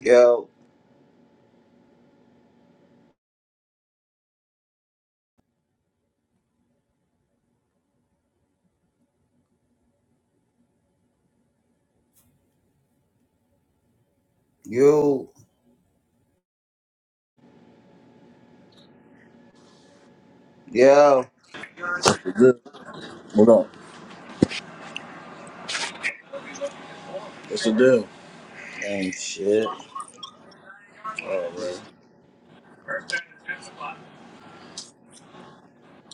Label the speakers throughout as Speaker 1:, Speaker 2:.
Speaker 1: Yo, you, yo,
Speaker 2: What's good? What up? What's the deal?
Speaker 1: and shit.
Speaker 2: Oh man.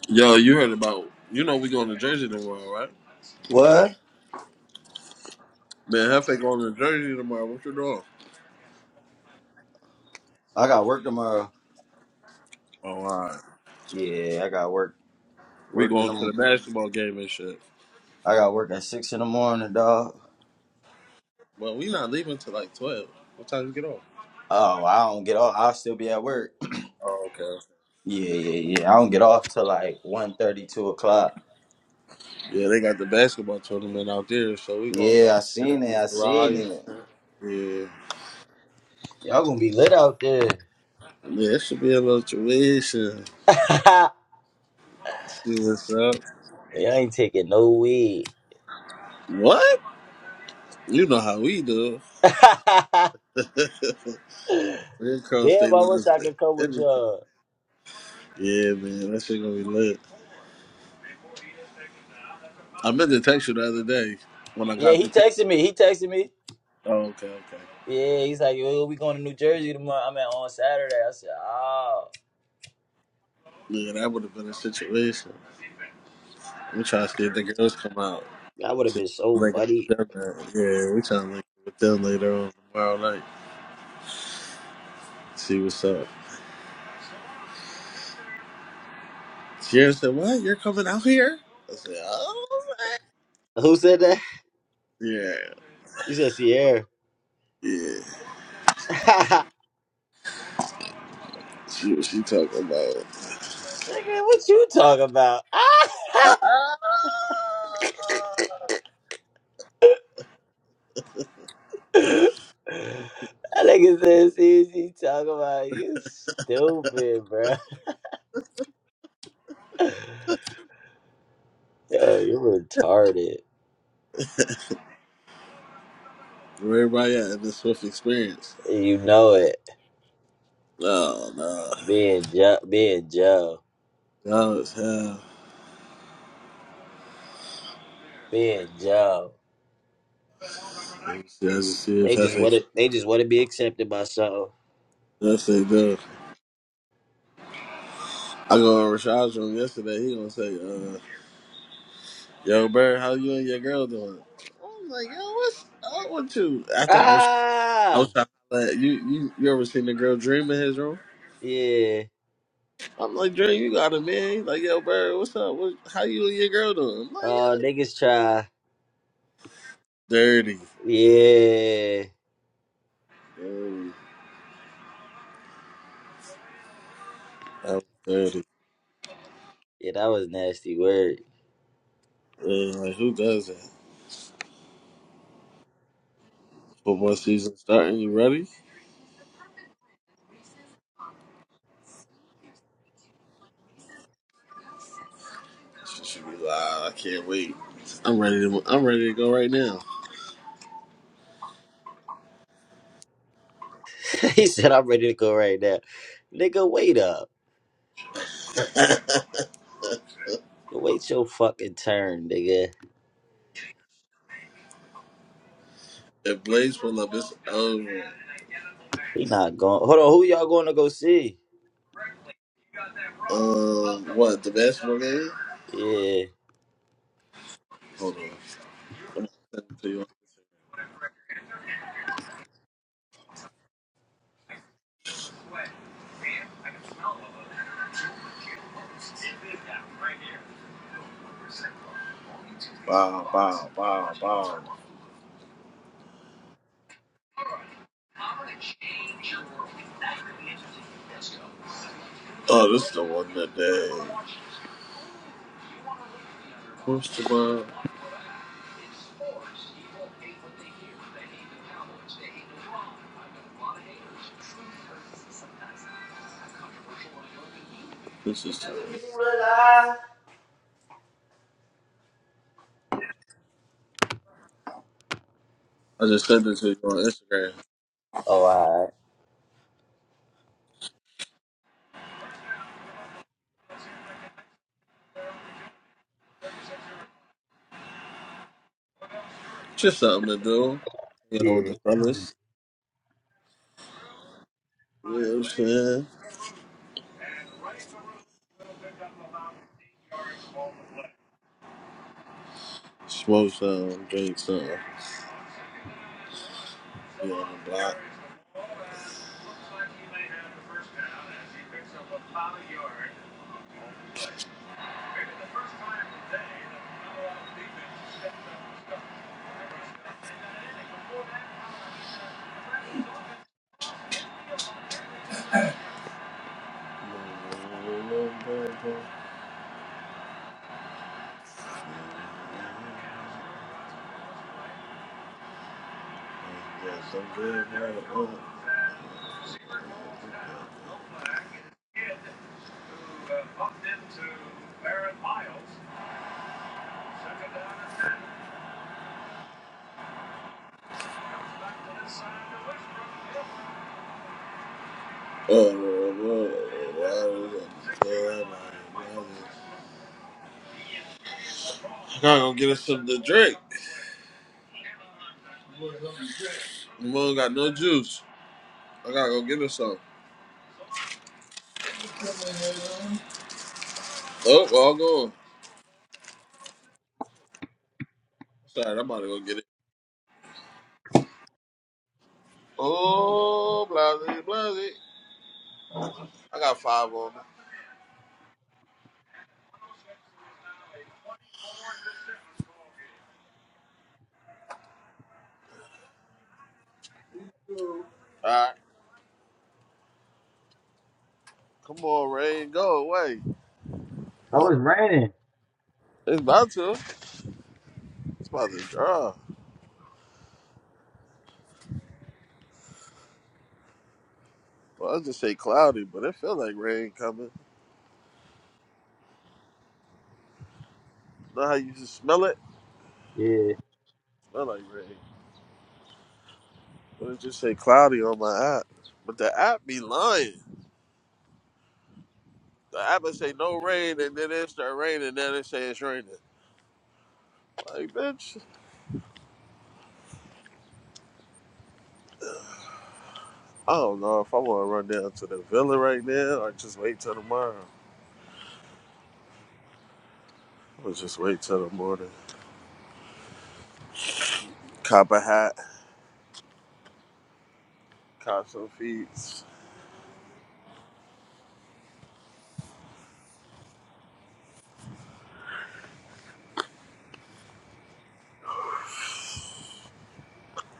Speaker 2: Yo, you heard about you know we going to Jersey tomorrow, right?
Speaker 1: What?
Speaker 2: Man, Hefe going to Jersey tomorrow. What you doing?
Speaker 1: I got work tomorrow.
Speaker 2: Oh, all right.
Speaker 1: Yeah, I got work.
Speaker 2: We
Speaker 1: Work in
Speaker 2: going
Speaker 1: the.
Speaker 2: to the
Speaker 1: I
Speaker 2: basketball game and shit.
Speaker 1: got work at six in the morning, dog.
Speaker 2: Well, we not leaving till like twelve. What time you get off?
Speaker 1: Oh, I don't get off. I'll still be at work.
Speaker 2: Oh, okay.
Speaker 1: Yeah, yeah, yeah. I don't get off till like one thirty, two o'clock.
Speaker 2: Yeah, they got the basketball tournament out there, so we gonna go
Speaker 1: Yeah, I
Speaker 2: out there
Speaker 1: seen
Speaker 2: and
Speaker 1: it.
Speaker 2: meet
Speaker 1: I
Speaker 2: Rye
Speaker 1: seen
Speaker 2: and
Speaker 1: it.
Speaker 2: shit. Yeah.
Speaker 1: Y'all gonna be lit out there.
Speaker 2: Yeah, it should be a little tuition.
Speaker 1: Y'all
Speaker 2: See what's up.
Speaker 1: ain't taking no weed.
Speaker 2: What? You know how we do.
Speaker 1: Damn, I
Speaker 2: We cross state
Speaker 1: wish
Speaker 2: lines
Speaker 1: I
Speaker 2: with
Speaker 1: could come with
Speaker 2: everything.
Speaker 1: y'all.
Speaker 2: Yeah, man, that shit gonna be lit. I meant to text you the other day when I
Speaker 1: Yeah,
Speaker 2: got
Speaker 1: he
Speaker 2: the ticket.
Speaker 1: texted me. He texted me.
Speaker 2: Oh, okay, okay.
Speaker 1: Yeah, he's like, yo, we going to New Jersey tomorrow. I mean, on Saturday. I said, oh.
Speaker 2: Yeah, that would have been a situation. We trying to see if the girls come out
Speaker 1: That would have
Speaker 2: to
Speaker 1: been so
Speaker 2: link up
Speaker 1: funny.
Speaker 2: with them. Man. Yeah, we trying to link up with them later on tomorrow night. See what's up. Sierra said, "What? You're coming out here?" I said, "Oh,
Speaker 1: Who said that?
Speaker 2: man." yeah,
Speaker 1: You said Sierra.
Speaker 2: yeah."
Speaker 1: Nigga,
Speaker 2: See what she talking about.
Speaker 1: what you talking about?
Speaker 2: Ah!
Speaker 1: that nigga said, see what you talking about. You stupid, bro. Yo, you're retarded.
Speaker 2: Where everybody at in this Swift experience?
Speaker 1: And You know it.
Speaker 2: No, no,
Speaker 1: Being Joe, being Joe,
Speaker 2: y'all as hell.
Speaker 1: being Joe.
Speaker 2: Let's see if
Speaker 1: They just
Speaker 2: Hefe
Speaker 1: want to.
Speaker 2: comes.
Speaker 1: They just want to be accepted by something.
Speaker 2: That's it, though. I go in Rashad's room yesterday. He gonna say, uh, "Yo, Bird, how you and your girl doing?" I was like, "Yo, what's up with you?" After I was, I
Speaker 1: Ah,
Speaker 2: was trying to let you, you, you ever seen the girl dream in his room?
Speaker 1: yeah.
Speaker 2: I'm like, "Dream, you got a man?" He's like, "Yo, Bird, what's up? What, how you and your girl doing?" I'm like,
Speaker 1: Oh,
Speaker 2: "Yo,
Speaker 1: niggas try.
Speaker 2: dirty,
Speaker 1: Yeah.
Speaker 2: dirty, that was dirty."
Speaker 1: Yeah, that was nasty word.
Speaker 2: Yeah, like, who does that? Football season starting. You ready? She should be like, "I can't wait. I'm ready to. I'm ready to go right now."
Speaker 1: he said, I'm ready to go right now. Nigga, wait up. Wait your fucking turn, nigga.
Speaker 2: If Blaze pull up, it's over.
Speaker 1: He not going. Hold on, who y'all going to go see?
Speaker 2: Um, what the basketball game?
Speaker 1: Yeah.
Speaker 2: Hold on, I'm gonna send it to you. Wow, wow, wow, wow. Oh, this is the one today. they the one? This is. I just sent it to you on Instagram.
Speaker 1: Oh, all right.
Speaker 2: Just something to do. You know, with
Speaker 1: Yeah.
Speaker 2: the fellas. You know what I'm saying? Smoke some, drink some. Be on the block. Yes, I'm good, bro. I gotta go get us something to drink. Mom got no juice. I gotta go get us some. Oh, all gone. Sorry, I'm about to go get it. Oh, blase, blase. I got five on me. All right. Come on, rain. Go away.
Speaker 1: Oh, it's raining.
Speaker 2: It's about to. It's about to draw. Well, I just say cloudy, but it feel like rain coming. Know how you just smell it?
Speaker 1: Yeah.
Speaker 2: Smell like rain. But it just say cloudy on my app. But the app be lying. The app will say
Speaker 1: That's
Speaker 2: no
Speaker 1: gonna be a
Speaker 2: rain,
Speaker 1: good
Speaker 2: and then it start raining, and then it say it's raining. Like, bitch, I don't know if I want to run down to the villa right now or just wait till tomorrow. I'll just wait till the morning. Cop a hat. Caught some feeds.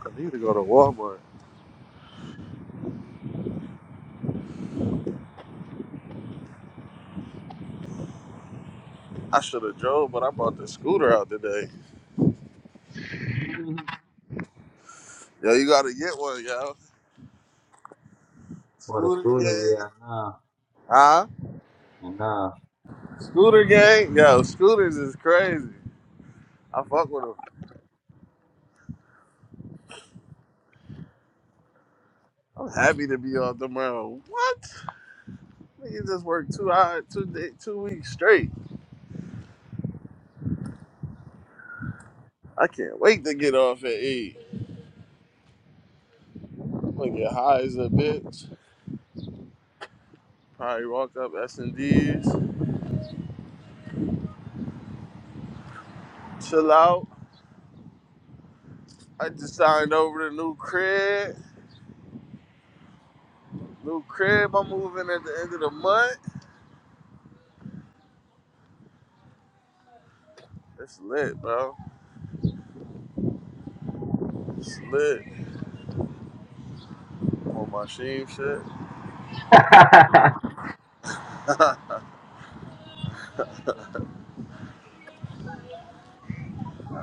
Speaker 2: I need to go to Walmart. I should have drove, but I bought the scooter out today.
Speaker 1: one.
Speaker 2: Yo, you gotta get one, yo.
Speaker 1: For the
Speaker 2: Scooter
Speaker 1: scooter,
Speaker 2: gang.
Speaker 1: yeah, I
Speaker 2: Huh?
Speaker 1: know. I know.
Speaker 2: Scooter gang? Yo, scooters is crazy. I fuck with them. I'm happy to be off tomorrow. What? Nigga just worked two hours, two day, two weeks straight. I can't wait to get off and eat. I'm gonna get high as a bitch. Probably walk up S and D's, chill out. I just signed over the new crib. New crib I'm moving at the end of the month. It's lit, bro. It's lit. I'm on my sheep shit.
Speaker 1: I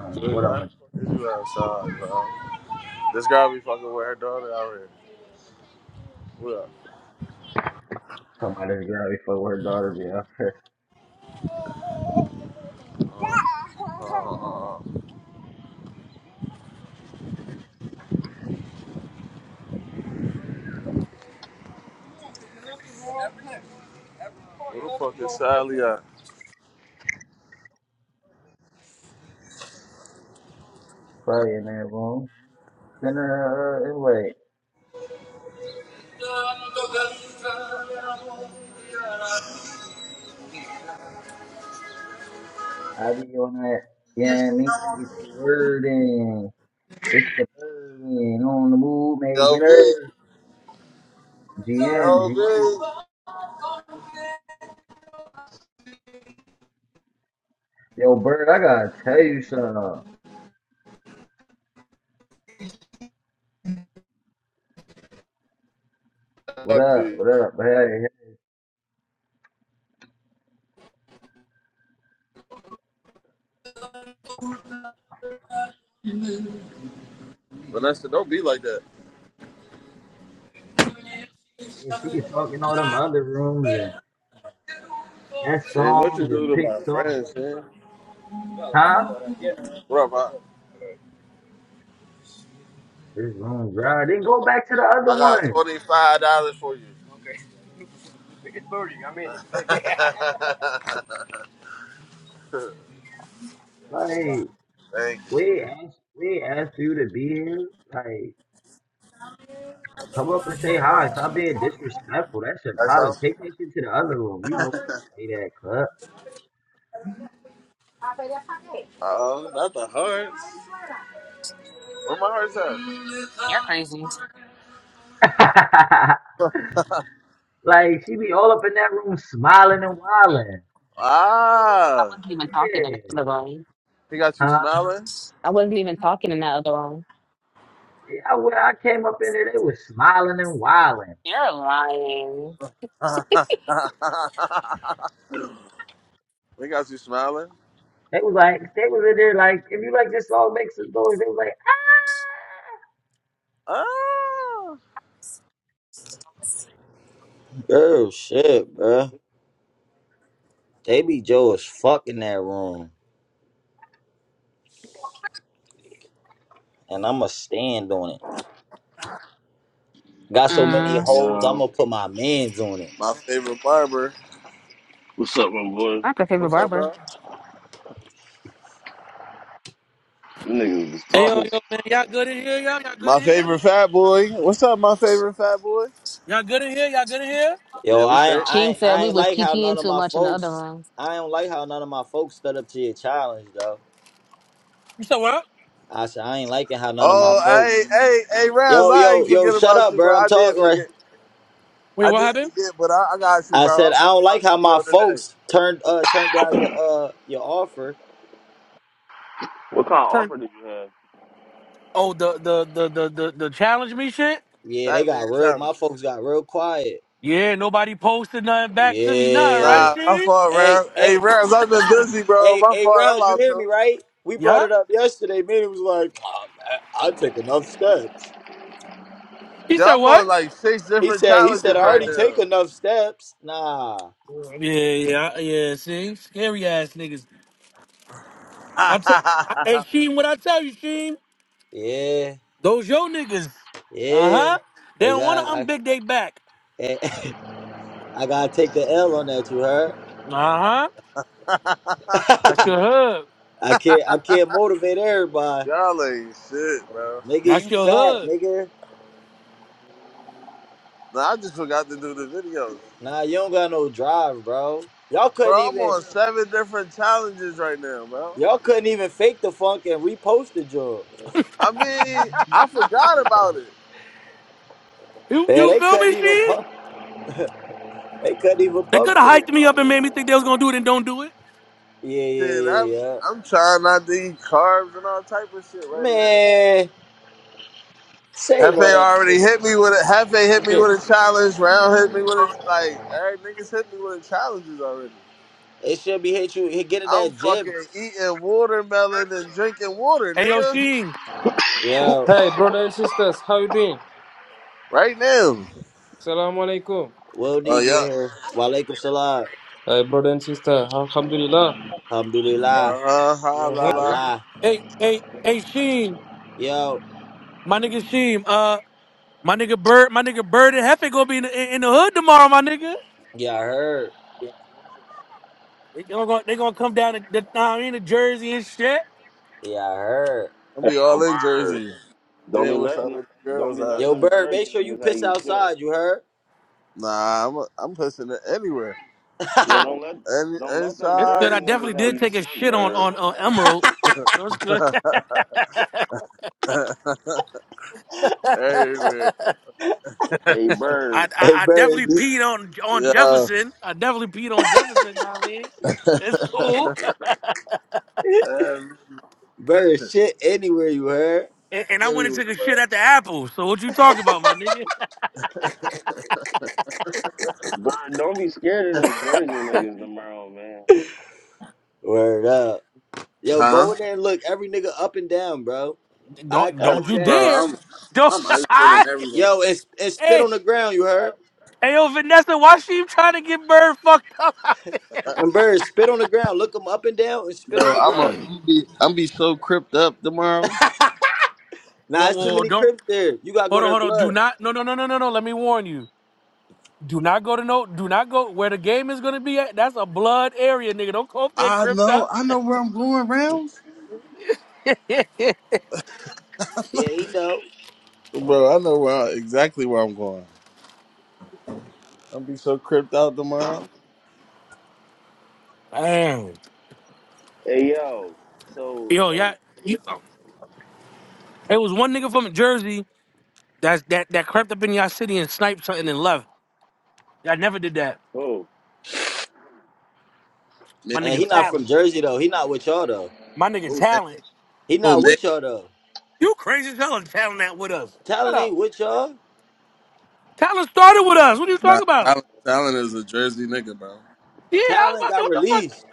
Speaker 1: don't know
Speaker 2: Julie
Speaker 1: what I'm
Speaker 2: Life
Speaker 1: gonna
Speaker 2: is you outside, bro. This girl be fucking with her daughter out here. What up?
Speaker 1: talk about this girl before her daughter be out here.
Speaker 2: Uh, where the fuck is Sally at?
Speaker 1: Probably in that room. Send her an invite. I be on that, yeah, I mean, get your word in. It's the burden on the move,
Speaker 2: Yo,
Speaker 1: making
Speaker 2: V.
Speaker 1: earth. GM,
Speaker 2: Yo,
Speaker 1: GM. Yo, Bird, I gotta tell you something.
Speaker 2: V.
Speaker 1: What
Speaker 2: Fuck
Speaker 1: up,
Speaker 2: you.
Speaker 1: what up? Hey, hey.
Speaker 2: Vanessa, don't be like that.
Speaker 1: Yeah, she could talk in all them other rooms and guest
Speaker 2: Shit, what you
Speaker 1: songs
Speaker 2: do
Speaker 1: and
Speaker 2: to
Speaker 1: pick
Speaker 2: my
Speaker 1: songs.
Speaker 2: friends, man?
Speaker 1: Huh?
Speaker 2: What up, bro?
Speaker 1: This room's right. Then go back to the other
Speaker 2: I got
Speaker 1: one.
Speaker 2: $25 for you. Thank
Speaker 1: Like,
Speaker 2: you.
Speaker 1: we ain't asked, we ain't asked for you to be here. Like, Come up and say hi. Stop being disrespectful. That shit
Speaker 2: That's
Speaker 1: probably
Speaker 2: all?
Speaker 1: take that shit to the other room. You know, say that
Speaker 2: Uh, not the hearts. Where my heart's at?
Speaker 3: You're crazy.
Speaker 1: cut. like she be all up in that room smiling and wilding.
Speaker 3: I
Speaker 2: Ah,
Speaker 3: wasn't even talking in
Speaker 1: Yeah,
Speaker 3: that other room.
Speaker 2: he got you
Speaker 1: huh?
Speaker 2: smiling.
Speaker 3: I wasn't even talking in that other room.
Speaker 1: Yeah, I, when I came up in there, they was smiling and wilding.
Speaker 3: You're lying.
Speaker 2: he got you smiling.
Speaker 1: They was like, they was in there like, if you like this song, makes some noise. They was like,
Speaker 2: Ah,
Speaker 1: ah. Girl, shit, bruh. They be Joe as fuck in that room. And I'ma stand on it. Got so many
Speaker 3: Mm,
Speaker 1: hoes,
Speaker 4: Yo,
Speaker 1: I'ma put my mans on it.
Speaker 2: my favorite barber.
Speaker 4: what's up, my boy?
Speaker 3: not the favorite
Speaker 2: What's up,
Speaker 3: barber.
Speaker 2: bro?
Speaker 4: You niggas was
Speaker 5: Hey yo
Speaker 4: talking.
Speaker 5: yo man, y'all good in here? Y'all y'all good
Speaker 2: My
Speaker 5: in here?
Speaker 2: favorite fat boy. What's up, my favorite fat boy?
Speaker 5: Y'all good in here? Y'all good in here?
Speaker 1: Yo,
Speaker 2: Yeah, we
Speaker 1: I
Speaker 2: straight.
Speaker 3: Keem
Speaker 1: I
Speaker 3: said
Speaker 1: I
Speaker 3: we
Speaker 1: ain't
Speaker 3: was
Speaker 1: like how none
Speaker 3: kikiing
Speaker 1: of
Speaker 3: too
Speaker 1: my
Speaker 3: much in the other
Speaker 1: folks.
Speaker 3: room.
Speaker 1: I don't like how none of my folks stood up to your challenge, though.
Speaker 5: You said what?
Speaker 1: I said I ain't liking how none of my
Speaker 2: Oh, hey,
Speaker 1: folks.
Speaker 2: hey, hey, Rams,
Speaker 1: Yo,
Speaker 2: I
Speaker 1: yo,
Speaker 2: ain't
Speaker 1: yo,
Speaker 2: forget
Speaker 1: shut
Speaker 2: about
Speaker 1: up,
Speaker 2: you, bro.
Speaker 1: bro. I'm
Speaker 2: I did
Speaker 1: talking right.
Speaker 2: forget.
Speaker 5: Wait,
Speaker 2: I
Speaker 5: what
Speaker 2: did
Speaker 5: happened?
Speaker 2: forget, but I, I got you,
Speaker 1: I
Speaker 2: bro.
Speaker 1: said
Speaker 2: I'm
Speaker 1: I
Speaker 2: gonna
Speaker 1: don't
Speaker 2: make my
Speaker 1: like how my
Speaker 2: video today.
Speaker 1: folks turned uh turned down your uh your offer.
Speaker 4: What kind of
Speaker 5: Turn.
Speaker 4: offer did you have?
Speaker 5: Oh the the the the the, the challenge me shit.
Speaker 1: Yeah, they
Speaker 2: Fat man
Speaker 1: got real.
Speaker 2: challenge.
Speaker 1: My folks got real quiet.
Speaker 5: Yeah, nobody posted nothing back to me nothing, right,
Speaker 1: Yeah.
Speaker 2: Nah, my
Speaker 5: Steve?
Speaker 2: fault,
Speaker 1: Hey,
Speaker 2: Rams. Hey,
Speaker 1: hey,
Speaker 2: Rams, I've been busy, bro.
Speaker 1: hey,
Speaker 2: My
Speaker 1: hey,
Speaker 2: fault. I'm
Speaker 1: rounds. You
Speaker 2: out
Speaker 1: hear me,
Speaker 2: too.
Speaker 1: right? We brought it
Speaker 5: Yup.
Speaker 1: up yesterday. Man, it was like, "Oh, I, I take enough steps.
Speaker 5: He said
Speaker 2: Y'all
Speaker 5: what?
Speaker 2: on like six
Speaker 1: He
Speaker 2: different
Speaker 1: said, he said, I
Speaker 2: challenges right
Speaker 1: already
Speaker 2: now.
Speaker 1: take enough steps. Nah.
Speaker 5: Yeah, yeah, yeah. See, scary ass niggas. I t- I, hey Sheen, what I tell you, Sheen?
Speaker 1: Yeah.
Speaker 5: Those yo niggas. Uh
Speaker 1: Yeah.
Speaker 5: huh. They
Speaker 1: I
Speaker 5: don't wanna
Speaker 1: got I,
Speaker 5: unbig they back.
Speaker 1: I gotta take the L on that, you heard?
Speaker 5: Uh huh. That's your
Speaker 1: I
Speaker 5: hood.
Speaker 1: can't I can't motivate everybody.
Speaker 2: Y'all ain't shit, bro.
Speaker 1: Nigga,
Speaker 5: That's
Speaker 1: you
Speaker 5: your
Speaker 1: fat,
Speaker 5: hood.
Speaker 1: nigga.
Speaker 2: Nah, I just forgot to do the videos.
Speaker 1: Nah, you don't got no drive, bro. Y'all
Speaker 2: Bro,
Speaker 1: couldn't
Speaker 2: I'm
Speaker 1: even
Speaker 2: on seven different challenges right now, bro.
Speaker 1: y'all couldn't even fake the funk and repost the job.
Speaker 2: I mean, I forgot about it.
Speaker 5: You
Speaker 1: Man,
Speaker 5: you
Speaker 1: they
Speaker 5: feel
Speaker 1: couldn't
Speaker 5: me,
Speaker 1: even
Speaker 5: Sheen?
Speaker 1: pump they couldn't even
Speaker 5: They
Speaker 1: pump
Speaker 5: could have
Speaker 1: fake.
Speaker 5: hyped me up and made me think they was gonna do it and don't do it.
Speaker 1: Yeah, yeah,
Speaker 2: Shit, I'm,
Speaker 1: yeah, yeah.
Speaker 2: I'm trying not to eat carbs and all type of shit right now.
Speaker 1: Man, save all
Speaker 2: Hefe
Speaker 1: that
Speaker 2: already
Speaker 1: shit.
Speaker 2: hit me with it. Hefe
Speaker 6: you
Speaker 2: hit me
Speaker 6: doing?
Speaker 2: with a challenge. Round hit me with a like. All right, niggas hit me with the challenges already.
Speaker 1: They should be hit you hit, get in
Speaker 2: I'm
Speaker 1: that gym
Speaker 2: fucking eating watermelon and drinking water,
Speaker 5: Hey yo,
Speaker 2: nigga.
Speaker 5: Sheen.
Speaker 1: Yo,
Speaker 6: Hey, brother and sisters, how you doing?
Speaker 2: Right now.
Speaker 6: Assalamu alaikum.
Speaker 1: we'll
Speaker 2: Oh
Speaker 1: need you
Speaker 2: yeah.
Speaker 1: in here. Walaikum salam.
Speaker 6: Hey, brother and sister, Alhamdulillah.
Speaker 1: Alhamdulillah.
Speaker 2: Uh huh. Ha la la.
Speaker 1: Allah.
Speaker 5: Hey, hey, hey, Sheen.
Speaker 1: Yo,
Speaker 5: My nigga Sheen. Uh, my nigga Bird. My nigga Bird and Hefe gonna be in the, in the hood tomorrow. My nigga.
Speaker 1: yeah, I heard.
Speaker 5: They gonna they gonna come down to the, I mean, the Jersey and shit.
Speaker 1: Yeah, I heard.
Speaker 2: I'm
Speaker 4: Hey,
Speaker 2: be all
Speaker 4: yo,
Speaker 2: in
Speaker 4: Bird,
Speaker 2: Jersey.
Speaker 4: don't be
Speaker 2: Then what's up
Speaker 4: letting,
Speaker 2: with the
Speaker 4: don't
Speaker 2: girls?
Speaker 4: be
Speaker 2: At?
Speaker 4: letting
Speaker 1: Yo,
Speaker 4: them
Speaker 1: Bird, make
Speaker 4: Jersey
Speaker 1: sure you
Speaker 4: niggas have
Speaker 1: piss
Speaker 4: you shook.
Speaker 1: outside, you heard?
Speaker 2: Nah, I'm I'm pushing it anywhere.
Speaker 4: Yo, don't let,
Speaker 2: Any
Speaker 4: don't let them
Speaker 5: It's good.
Speaker 4: Jersey
Speaker 2: inside.
Speaker 5: I definitely
Speaker 4: niggas have
Speaker 5: did
Speaker 4: you
Speaker 5: take a
Speaker 4: shook,
Speaker 5: shit on
Speaker 4: Bird.
Speaker 5: on uh, Emerald. So it's good.
Speaker 2: everywhere.
Speaker 4: Hey,
Speaker 5: I, I
Speaker 4: Bird,
Speaker 1: hey,
Speaker 5: I
Speaker 1: Bird,
Speaker 5: definitely
Speaker 1: just,
Speaker 5: peed on on
Speaker 2: Yeah.
Speaker 5: Jefferson. I definitely peed on Jefferson. You know what I mean, it's cool.
Speaker 2: Every-
Speaker 1: Bird, shit anywhere, you heard?
Speaker 5: And, and I went and
Speaker 2: anywhere,
Speaker 5: took a shit
Speaker 2: bro.
Speaker 5: at the Apple. So what you talking about, my nigga?
Speaker 4: Bird, don't be scared of them Jersey niggas tomorrow, man.
Speaker 1: Word up. Yo,
Speaker 2: Huh?
Speaker 1: go in there and look every nigga up and down, bro. Eye
Speaker 5: Don't don't
Speaker 4: Every
Speaker 5: you
Speaker 1: contact.
Speaker 2: Bro,
Speaker 4: nigga.
Speaker 5: dare.
Speaker 2: I'm
Speaker 5: Don't
Speaker 2: I'm ice chilling
Speaker 5: I
Speaker 2: everyone.
Speaker 1: Yo, it's it's spit
Speaker 5: hey
Speaker 1: on the ground, you heard?
Speaker 5: hey yo Vanessa, why she trying to get bird fucked up?
Speaker 1: And Bird, spit on the ground. Look them up and down and spit on
Speaker 2: Yo,
Speaker 1: the
Speaker 2: I'm a,
Speaker 1: ground.
Speaker 2: I'm be, I'm be so cripped up tomorrow.
Speaker 1: Nah,
Speaker 5: Whoa,
Speaker 1: it's too
Speaker 5: whoa, whoa,
Speaker 1: many
Speaker 5: don't
Speaker 1: crips there. You gotta go
Speaker 5: hold on,
Speaker 1: there
Speaker 5: hold on. Do
Speaker 1: blood.
Speaker 5: not no no no no no no let me warn you. Do not go to no do not go where the game is gonna be at. That's a blood area, nigga. Don't go up there
Speaker 2: I
Speaker 5: crypt
Speaker 2: know,
Speaker 5: up.
Speaker 2: I know where I'm going, rounds,
Speaker 1: Yeah, he know.
Speaker 2: bro. I know where I, exactly where I'm going. I'm be so cripped out tomorrow.
Speaker 5: Damn.
Speaker 4: Hey, yo, so,
Speaker 5: Yo, yeah.
Speaker 4: um,
Speaker 5: You, it was one nigga from Jersey that's that that crept up in y'all city and sniped something and left. Yeah, I never did that.
Speaker 4: oh,
Speaker 2: Man,
Speaker 5: My
Speaker 1: And he
Speaker 5: nigga
Speaker 1: not from
Speaker 5: talent.
Speaker 1: Jersey though. He not with y'all though.
Speaker 5: My nigga
Speaker 2: oh man,
Speaker 5: talent.
Speaker 1: He
Speaker 2: oh
Speaker 1: not
Speaker 2: man.
Speaker 1: with y'all though.
Speaker 5: You crazy as hell and talent that with us. Shut
Speaker 1: Talent
Speaker 5: up.
Speaker 1: ain't with y'all.
Speaker 5: Tyler started with us. What are you
Speaker 2: Nah,
Speaker 5: talking about?
Speaker 2: Talon, Talon is a Jersey nigga, bro.
Speaker 5: Yeah, I
Speaker 1: Talent
Speaker 5: was about to
Speaker 1: got
Speaker 5: say, what the fuck?
Speaker 1: released.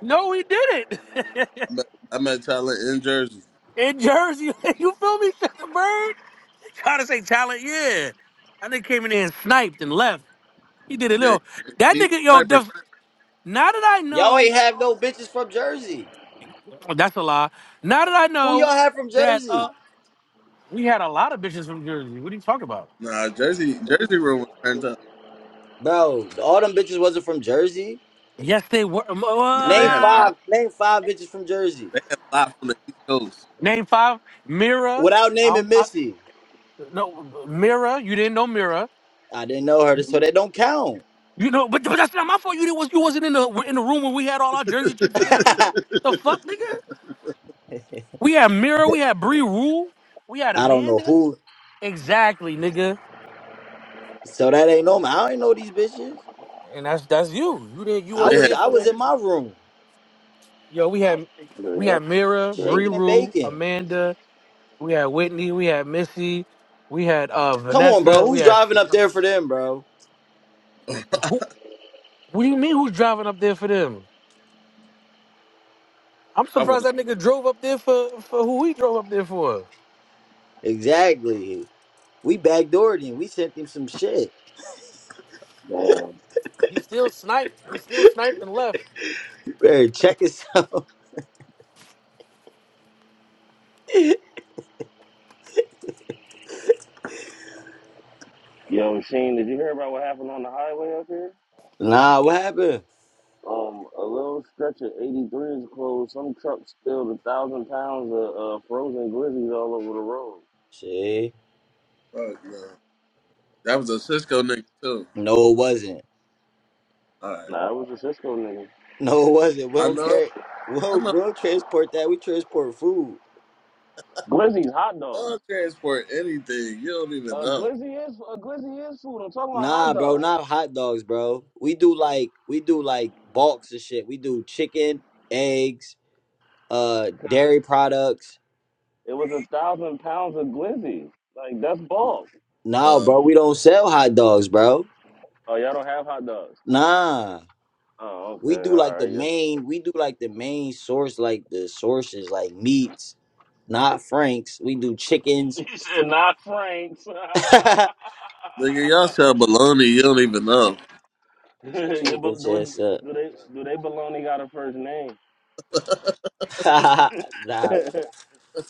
Speaker 5: No, we did it.
Speaker 2: I met, I met Talon in Jersey.
Speaker 5: in Jersey, you feel me, Shut the Bird? Trying to say Tyler, yeah. That nigga came in there and sniped and left. He did a
Speaker 2: Yeah,
Speaker 5: little. That
Speaker 2: he's a
Speaker 5: nigga, yo,
Speaker 2: sniper.
Speaker 5: def- now that I
Speaker 1: Y'all
Speaker 5: know,
Speaker 1: ain't have no bitches from Jersey.
Speaker 5: oh, that's a lie. Now that I
Speaker 1: Who y'all
Speaker 5: know
Speaker 1: have from
Speaker 5: that
Speaker 1: Jersey?
Speaker 5: uh, we had a lot of bitches from Jersey. What are you talking about?
Speaker 2: Nah, Jersey, Jersey room was turned up.
Speaker 1: Bro, all them bitches wasn't from Jersey.
Speaker 5: Yes, they were. Um,
Speaker 2: Nah, they
Speaker 1: Name
Speaker 2: had a
Speaker 5: uh,
Speaker 1: five,
Speaker 2: lot.
Speaker 1: name five bitches from Jersey.
Speaker 2: They had a lot from the East Coast.
Speaker 5: name five, Mira.
Speaker 1: Without
Speaker 5: I
Speaker 1: naming
Speaker 5: don't, I,
Speaker 1: Missy.
Speaker 5: no, Mira. You didn't know Mira.
Speaker 1: I didn't know her, so that don't count.
Speaker 5: You know, but, but that's not my fault. You didn't was you wasn't in the in the room when we had all our Jersey chicks in there, nigga. So,
Speaker 1: I
Speaker 5: the fuck, nigga. We had Mira, we had Bree Rule, we had
Speaker 1: don't know
Speaker 5: Amanda.
Speaker 1: who.
Speaker 5: Exactly, nigga.
Speaker 1: So that ain't no I don't know these bitches.
Speaker 5: And that's that's you. You didn't you
Speaker 1: I
Speaker 2: They
Speaker 5: wasn't
Speaker 1: was
Speaker 2: had.
Speaker 5: here
Speaker 1: I
Speaker 5: for
Speaker 1: was in
Speaker 5: it.
Speaker 1: my room,
Speaker 5: Yo, we had
Speaker 4: yo,
Speaker 5: we
Speaker 4: y'all
Speaker 5: had Mira,
Speaker 4: niggas
Speaker 5: Bree
Speaker 1: shaking
Speaker 4: crazy.
Speaker 1: and
Speaker 5: Rule,
Speaker 1: baking.
Speaker 5: Amanda. We had Whitney. We had Missy. We had uh
Speaker 1: Come on, bro.
Speaker 5: Vanessa. We
Speaker 1: Who's
Speaker 5: had
Speaker 1: driving up there for them, bro?
Speaker 5: who? What do you mean? Who's driving up there for them? I'm
Speaker 2: I would
Speaker 5: surprised
Speaker 2: have.
Speaker 5: that nigga drove up there for for who he drove up there for.
Speaker 1: Exactly. We backdoored him. We sent him some shit.
Speaker 4: damn.
Speaker 5: He still sniped. He still sniped and left.
Speaker 1: You better check us out.
Speaker 4: Yo, Sheen, did you hear about what happened on the highway up here?
Speaker 1: Nah, what happened?
Speaker 4: Um, a little stretch of 83 is closed. Some trucks spilled a thousand pounds of uh, frozen glizzies all over the road.
Speaker 1: See?
Speaker 2: Fuck, man. That was a Cisco nigga too.
Speaker 1: No, it wasn't.
Speaker 2: All right,
Speaker 4: Nah, it was a Cisco nigga.
Speaker 1: No, it wasn't.
Speaker 2: I
Speaker 1: We'll
Speaker 2: know.
Speaker 1: carry.
Speaker 2: I
Speaker 1: We'll
Speaker 2: know.
Speaker 1: we'll transport that. We transport food.
Speaker 4: Glizzies, hot
Speaker 2: Y'all
Speaker 4: dogs.
Speaker 2: transport anything. You don't even
Speaker 4: A
Speaker 2: know.
Speaker 4: glizzy is a glizzy is food. I'm talking about hot
Speaker 1: Nah, bro,
Speaker 4: dogs.
Speaker 1: not hot dogs, bro. We do like we do like bulks of shit. We do chicken, eggs, uh, dairy products.
Speaker 4: It was a thousand pounds of glizzies. Like that's bulk.
Speaker 1: No,
Speaker 2: Uh,
Speaker 1: bro, we don't sell hot dogs, bro.
Speaker 4: Oh, y'all don't have hot dogs.
Speaker 1: Nah.
Speaker 4: Oh, okay,
Speaker 1: we do
Speaker 4: all
Speaker 1: like the
Speaker 4: right, yeah.
Speaker 1: main we do like the main source like the sources like meats not franks we do chickens
Speaker 4: He said not Franks.
Speaker 1: shut
Speaker 2: nigga, y'all sell baloney. You don't even know.
Speaker 4: Yeah,
Speaker 1: your
Speaker 4: but
Speaker 1: bitch
Speaker 4: do,
Speaker 1: ass up
Speaker 4: do they do they baloney got a first name?
Speaker 1: nah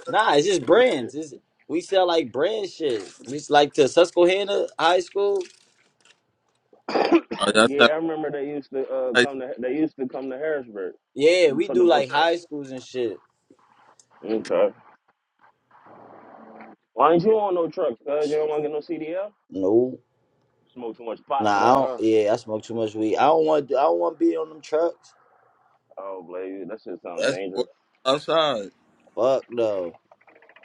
Speaker 1: nah it's just brands it's, we sell like brand shit we s- like to susquehanna high school
Speaker 2: Uh, y'all
Speaker 4: yeah,
Speaker 2: sell
Speaker 4: I remember they used to uh,
Speaker 2: like,
Speaker 4: come to they used to come to Harrisburg
Speaker 1: yeah we
Speaker 4: for the
Speaker 1: do like
Speaker 4: Votex.
Speaker 1: high schools and shit
Speaker 4: Okay. Why ain't you on no truck? Cause you
Speaker 1: Sh-
Speaker 4: don't want to get no CDL.
Speaker 1: no
Speaker 4: Smoke too much pot for
Speaker 1: nah i
Speaker 4: that,
Speaker 1: don't
Speaker 4: huh?
Speaker 1: yeah i smoke too much weed i don't want i don't want to be on them trucks
Speaker 4: Oh, blame you. That shit sounds
Speaker 2: that's more
Speaker 4: dangerous.
Speaker 2: outside.
Speaker 1: fuck no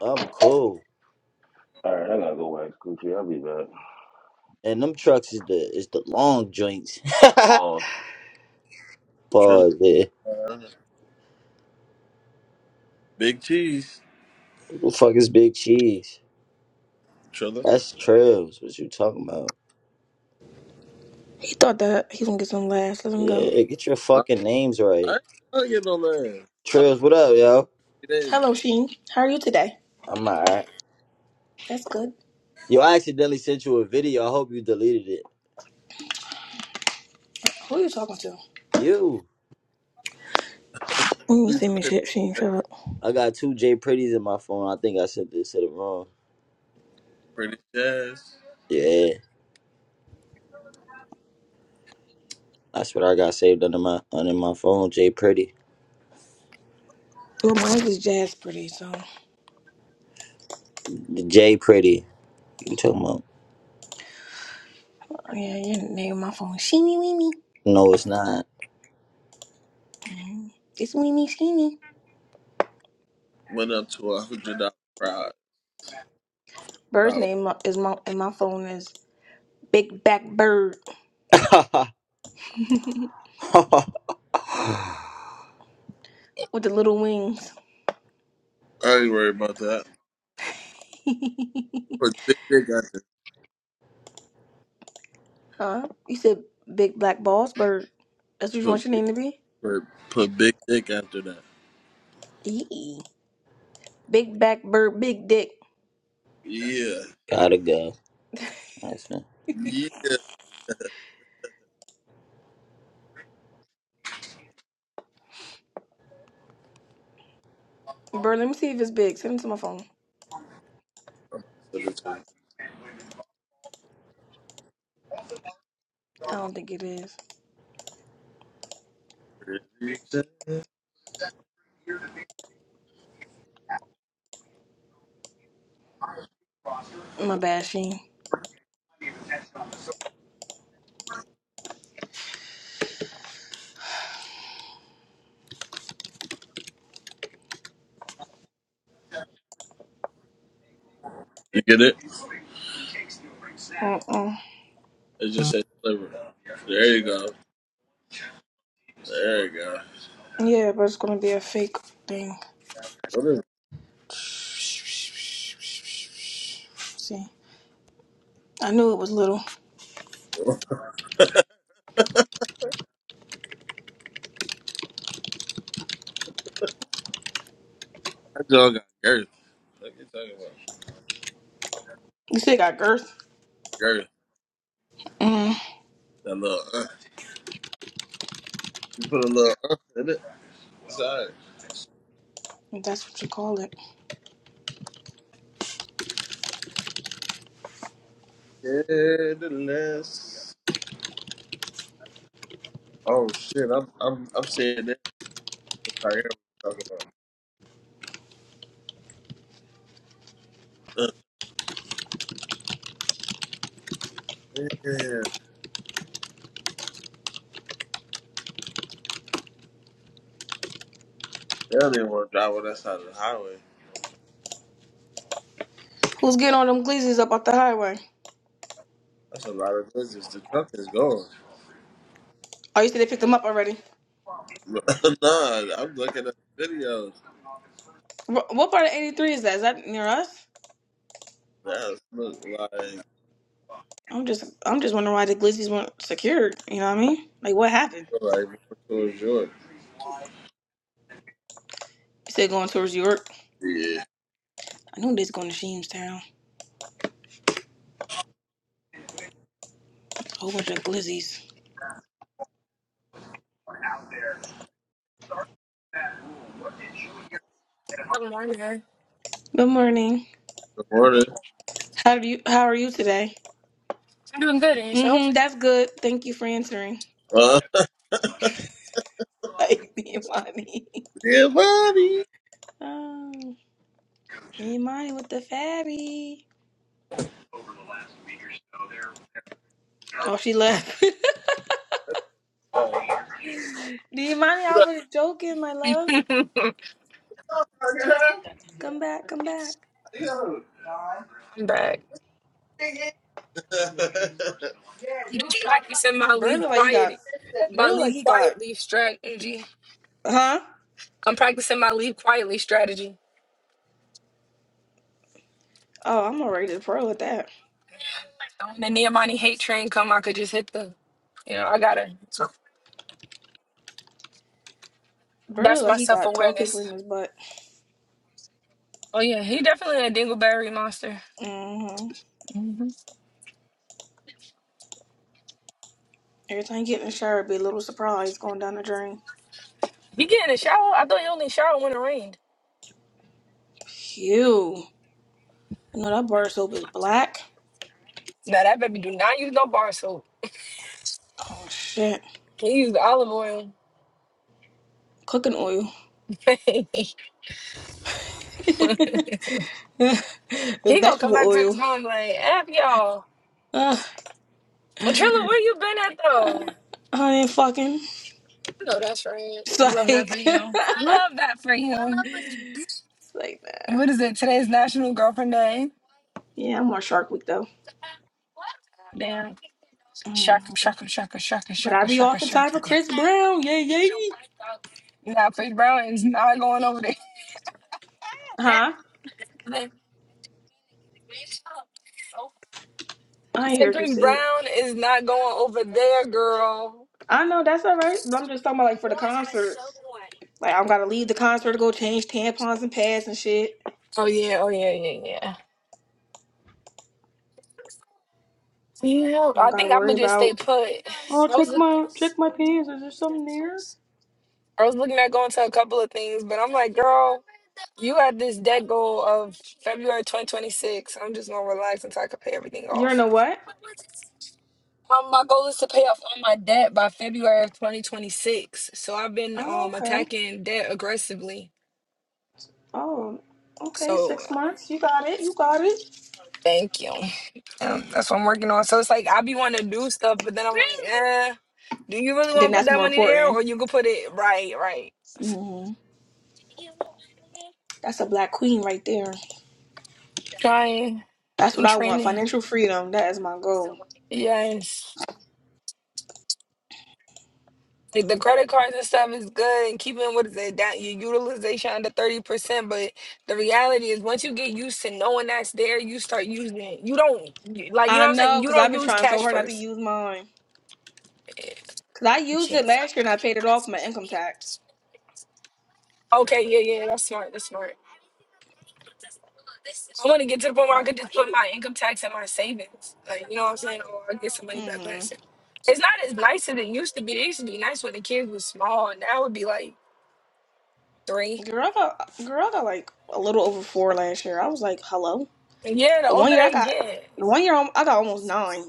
Speaker 1: i'm cool
Speaker 4: All right, I gotta go wax coochie. I'll be back.
Speaker 1: and them trucks is the is the long joints.
Speaker 4: Pause.
Speaker 2: Trilla.
Speaker 1: Boy, man.
Speaker 2: Big cheese.
Speaker 1: Who the fuck is Big Cheese?
Speaker 2: Trilla.
Speaker 1: That's Trails. What you talking about?
Speaker 7: He thought that he was gonna get some laughs. Let him go.
Speaker 1: Yeah, get your
Speaker 2: I,
Speaker 1: fucking names
Speaker 2: I
Speaker 1: right.
Speaker 2: ain't trying to get no land. I've been
Speaker 1: Trails, what up, yo?
Speaker 2: three days.
Speaker 7: Hello, Sheen. How are you today?
Speaker 1: I'm alright.
Speaker 7: That's good.
Speaker 1: Yo, I accidentally sent you a video. I hope you deleted it.
Speaker 7: Who are you talking to?
Speaker 1: You.
Speaker 7: You
Speaker 2: We
Speaker 7: send me
Speaker 2: talking
Speaker 7: shit, Sheen.
Speaker 2: to
Speaker 7: Shut up.
Speaker 1: I got two J Pretties in my phone. I think I sent this to the wrong.
Speaker 2: pretty jazz.
Speaker 1: Yeah. That's what I got saved under my under my phone, J Pretty.
Speaker 7: Well, mine was Jazz Pretty, so oh,
Speaker 1: The J Pretty. You talking about?
Speaker 7: yeah, your name on my phone Sheeny Weeny.
Speaker 1: No, it's not.
Speaker 7: Mhm. It's Weeny Sheeny.
Speaker 2: Went up to a hundred dollar prize.
Speaker 7: Bird's
Speaker 2: No,
Speaker 7: name mo- is my in my phone is Big Back Bird with the little wings.
Speaker 2: I ain't worried about that. Put big dick after
Speaker 7: huh? You said Big Black Balls Bird. That's what you
Speaker 2: put
Speaker 7: want your
Speaker 2: big
Speaker 7: name to be?
Speaker 2: put, put big dick after that.
Speaker 7: Yee. Big Back Bird, Big Dick
Speaker 2: Yeah.
Speaker 1: Gotta go. That's fine.
Speaker 2: Yeah.
Speaker 7: Bird. Let me see if it's big. Send it to my phone.
Speaker 2: I'm about to send it to you.
Speaker 7: I don't think it is.
Speaker 2: Pretty jazz.
Speaker 7: My bad, she.
Speaker 2: You get it?
Speaker 7: Mm-mm.
Speaker 2: It just says sliver. There you go. There you go.
Speaker 7: Yeah, but it's gonna be a fake thing.
Speaker 2: What is
Speaker 7: See, I knew it was little.
Speaker 2: that dog got girth? What you talking about?
Speaker 7: You say it got girth?
Speaker 2: Girth.
Speaker 7: Mm.
Speaker 2: That little uh. You put a little uh in it. Sorry.
Speaker 7: If That's what you call it.
Speaker 2: Yeah, the less. Oh shit, I'm I'm I'm saying that what Tyrell was talking about. Uh, yeah. They don't even want to drive on that side of the highway.
Speaker 7: Who's getting all them glizzies up off the highway?
Speaker 2: That's a lot of business. The truck is going.
Speaker 7: Oh, you said they picked them up already.
Speaker 2: nah, I'm looking at videos.
Speaker 7: Wh- What part of 83 is that? Is that near us?
Speaker 2: That's look like
Speaker 7: I'm just, I'm just wondering why the glizzies weren't secured. You know what I mean? Like, what happened?
Speaker 2: look like more towards Jordan.
Speaker 7: You said going towards York.
Speaker 2: Yeah.
Speaker 7: I knew they was going to Sheamstown. A whole bunch of glizzies.
Speaker 8: Good morning.
Speaker 7: Good morning.
Speaker 2: Good morning.
Speaker 7: How do you? How are you today?
Speaker 8: I'm doing good, and yourself?
Speaker 7: Mm-hmm, that's good. Thank you for answering.
Speaker 2: Uh,
Speaker 7: Like Imani.
Speaker 2: yeah, buddy.
Speaker 7: Oh, Imani with the fatty. Oh, she left. Imani, I was joking, my love.
Speaker 8: I'm
Speaker 7: Come back, come back.
Speaker 8: back. Just practicing my
Speaker 7: Bird
Speaker 8: leave
Speaker 7: look like he got.
Speaker 8: quietly,
Speaker 7: Bird
Speaker 8: my
Speaker 7: look like
Speaker 8: leave
Speaker 7: he got.
Speaker 8: quietly strategy.
Speaker 7: Huh?
Speaker 8: I'm practicing my leave quietly strategy.
Speaker 7: Oh, I'm already to pro with that.
Speaker 8: So When the Nehemiah hate train come, I could just hit the, you know, I gotta.
Speaker 7: Bird look
Speaker 8: That's
Speaker 7: like
Speaker 8: my
Speaker 7: he
Speaker 8: self
Speaker 7: got tall paper in
Speaker 8: awareness.
Speaker 7: his butt.
Speaker 8: Oh yeah, he definitely a dingleberry monster.
Speaker 7: Mm-hmm. Every time you get in the shower, be a little surprise going down the drain.
Speaker 8: He get in the shower. I thought he only shower when it rained.
Speaker 7: Phew. No, that bar soap is black.
Speaker 8: Now that baby do not use no bar soap.
Speaker 7: Oh shit.
Speaker 8: He use olive oil.
Speaker 7: Cooking oil.
Speaker 8: he
Speaker 7: the
Speaker 8: gonna come
Speaker 7: vegetable
Speaker 8: back to this
Speaker 7: oil.
Speaker 8: room like, F y'all.
Speaker 7: Uh,
Speaker 8: Trilla, where you been at
Speaker 7: uh,
Speaker 8: though?
Speaker 7: honey, fucking.
Speaker 8: I know that's right.
Speaker 7: It's
Speaker 8: Love that for
Speaker 7: like,
Speaker 8: you.
Speaker 7: it's
Speaker 8: Love that for you.
Speaker 7: like that.
Speaker 8: What is it? Today's National Girlfriend Day.
Speaker 7: Yeah, I'm on Shark Week though.
Speaker 8: Damn.
Speaker 7: Mm.
Speaker 8: Shaka, shaka, shaka, shaka,
Speaker 7: But I
Speaker 8: shaka,
Speaker 7: be
Speaker 8: shaka,
Speaker 7: off in time
Speaker 8: shaka.
Speaker 7: for Chris Brown. Yay, yay.
Speaker 8: Nah, Chris Brown is not going over there.
Speaker 7: Huh?
Speaker 8: I
Speaker 7: I ain't
Speaker 8: said
Speaker 7: heard you
Speaker 8: Chris
Speaker 7: say it.
Speaker 8: Brown is not going over there, girl.
Speaker 7: I know that's all right. But I'm just talking about like for the concert. Like I'm gotta leave the concert to go change tampons and pads and shit.
Speaker 8: Oh yeah, oh yeah, yeah, yeah. Yeah,
Speaker 7: I don't
Speaker 8: I
Speaker 7: gotta
Speaker 8: think I'm gonna
Speaker 7: worry
Speaker 8: just stay
Speaker 7: about.
Speaker 8: put. I
Speaker 7: Oh, check my check
Speaker 8: was.
Speaker 7: my pants. Is there something there?
Speaker 8: I was looking at going to a couple of things, but I'm like, girl, you had this debt goal of February 2026. I'm just gonna relax until I can pay everything
Speaker 7: You're in
Speaker 8: off.
Speaker 7: a what?
Speaker 8: Um, my goal is to pay off all my debt by February of 2026. So I've been
Speaker 7: Oh,
Speaker 8: um
Speaker 7: okay.
Speaker 8: attacking debt aggressively.
Speaker 7: Oh, okay,
Speaker 8: So
Speaker 7: six months. You got it. You got it.
Speaker 8: thank you. Um, that's what I'm working on. So it's like I be wanting to do stuff, but then I'm like, eh, do you really want
Speaker 7: Then
Speaker 8: to put
Speaker 7: that's
Speaker 8: that
Speaker 7: more
Speaker 8: money there,
Speaker 7: important.
Speaker 8: or you could put it right, right?
Speaker 7: hmm That's a black queen right there.
Speaker 8: Trying
Speaker 7: That's what
Speaker 8: and
Speaker 7: I want.
Speaker 8: training.
Speaker 7: Financial freedom. That is my goal.
Speaker 8: Yes. Like the credit cards and stuff is good and keeping what is it down your utilization under thirty percent. But the reality is once you get used to knowing that's there, you start using it. You don't you- like you know
Speaker 7: I
Speaker 8: what I'm saying?
Speaker 7: know,
Speaker 8: You
Speaker 7: cause I've
Speaker 8: don't
Speaker 7: been
Speaker 8: use
Speaker 7: trying so
Speaker 8: cash
Speaker 7: hard not to
Speaker 8: first.
Speaker 7: use mine.
Speaker 8: Yeah.
Speaker 7: Cause I used it last year and I paid it off my income tax.
Speaker 8: Okay, yeah, yeah, that's smart. That's smart. I want to get to the point where I
Speaker 7: Yeah.
Speaker 8: could just put my income tax in my savings. Like, you know what I'm saying? Or I get some money back. when I
Speaker 7: hmm
Speaker 8: save. It's not as nice as it used to be. It used to be nice when the kids was small, and now it would be like three.
Speaker 7: Girl, I got girl, I got like a little over four last year. I was like, hello.
Speaker 8: Yeah, the
Speaker 7: The one
Speaker 8: older
Speaker 7: year I
Speaker 8: they
Speaker 7: got,
Speaker 8: get.
Speaker 7: the one year I got almost 9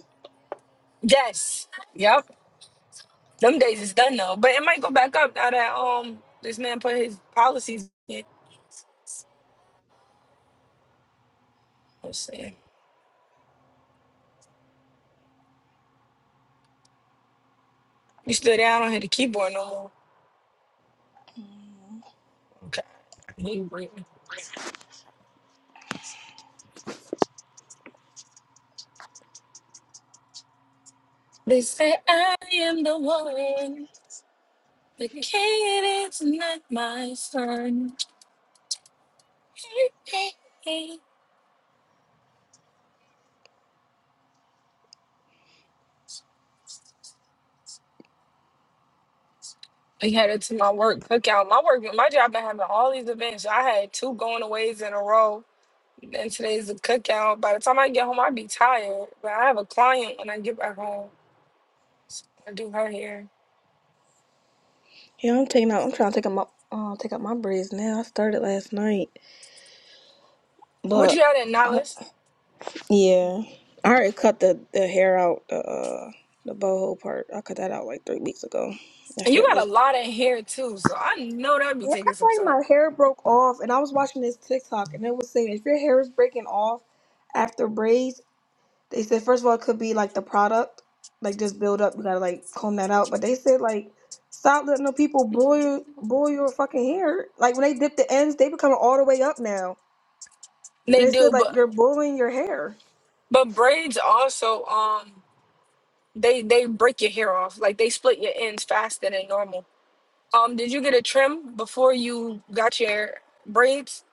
Speaker 8: Yes. Yep. Them days is done though. But it might go back up now that um this man put his policies in. Let's see. You still there? I don't hear the keyboard no more.
Speaker 7: Mhm.
Speaker 8: Okay. He breathing. They say I am the one. The kid is not my son. I headed to my work cookout. My work my job been having all these events. I had two going aways in a row. And today's the cookout. By the time I get home, I'd be tired. But I have a client when I get back home. I do her hair.
Speaker 7: Yeah, I'm taking out. I'm trying to take out my uh, take out my braids now. I started last night,
Speaker 8: But you
Speaker 7: but.
Speaker 8: had that
Speaker 7: I.
Speaker 8: knowledge.
Speaker 7: Yeah. I already cut the, the hair out, the uh, the boho part. I cut that out like three weeks ago. That
Speaker 8: And you
Speaker 7: shit
Speaker 8: got
Speaker 7: was.
Speaker 8: a lot of hair too, so I know that be
Speaker 7: Yeah, I
Speaker 8: taking some
Speaker 7: feel like
Speaker 8: time.
Speaker 7: my hair broke off, and I was watching this TikTok, and it was saying if your hair is breaking off after braids, they said first of all it could be like the product, like just build up. You gotta like comb that out. But they said like stop letting the people boil boil your fucking hair. Like when they dip the ends, they become all the way up now.
Speaker 8: They
Speaker 7: And they said
Speaker 8: do,
Speaker 7: like
Speaker 8: but
Speaker 7: you're boiling your hair.
Speaker 8: but braids also um they they break your hair off. Like they split your ends faster than normal. Um, did you get a trim before you got your braids?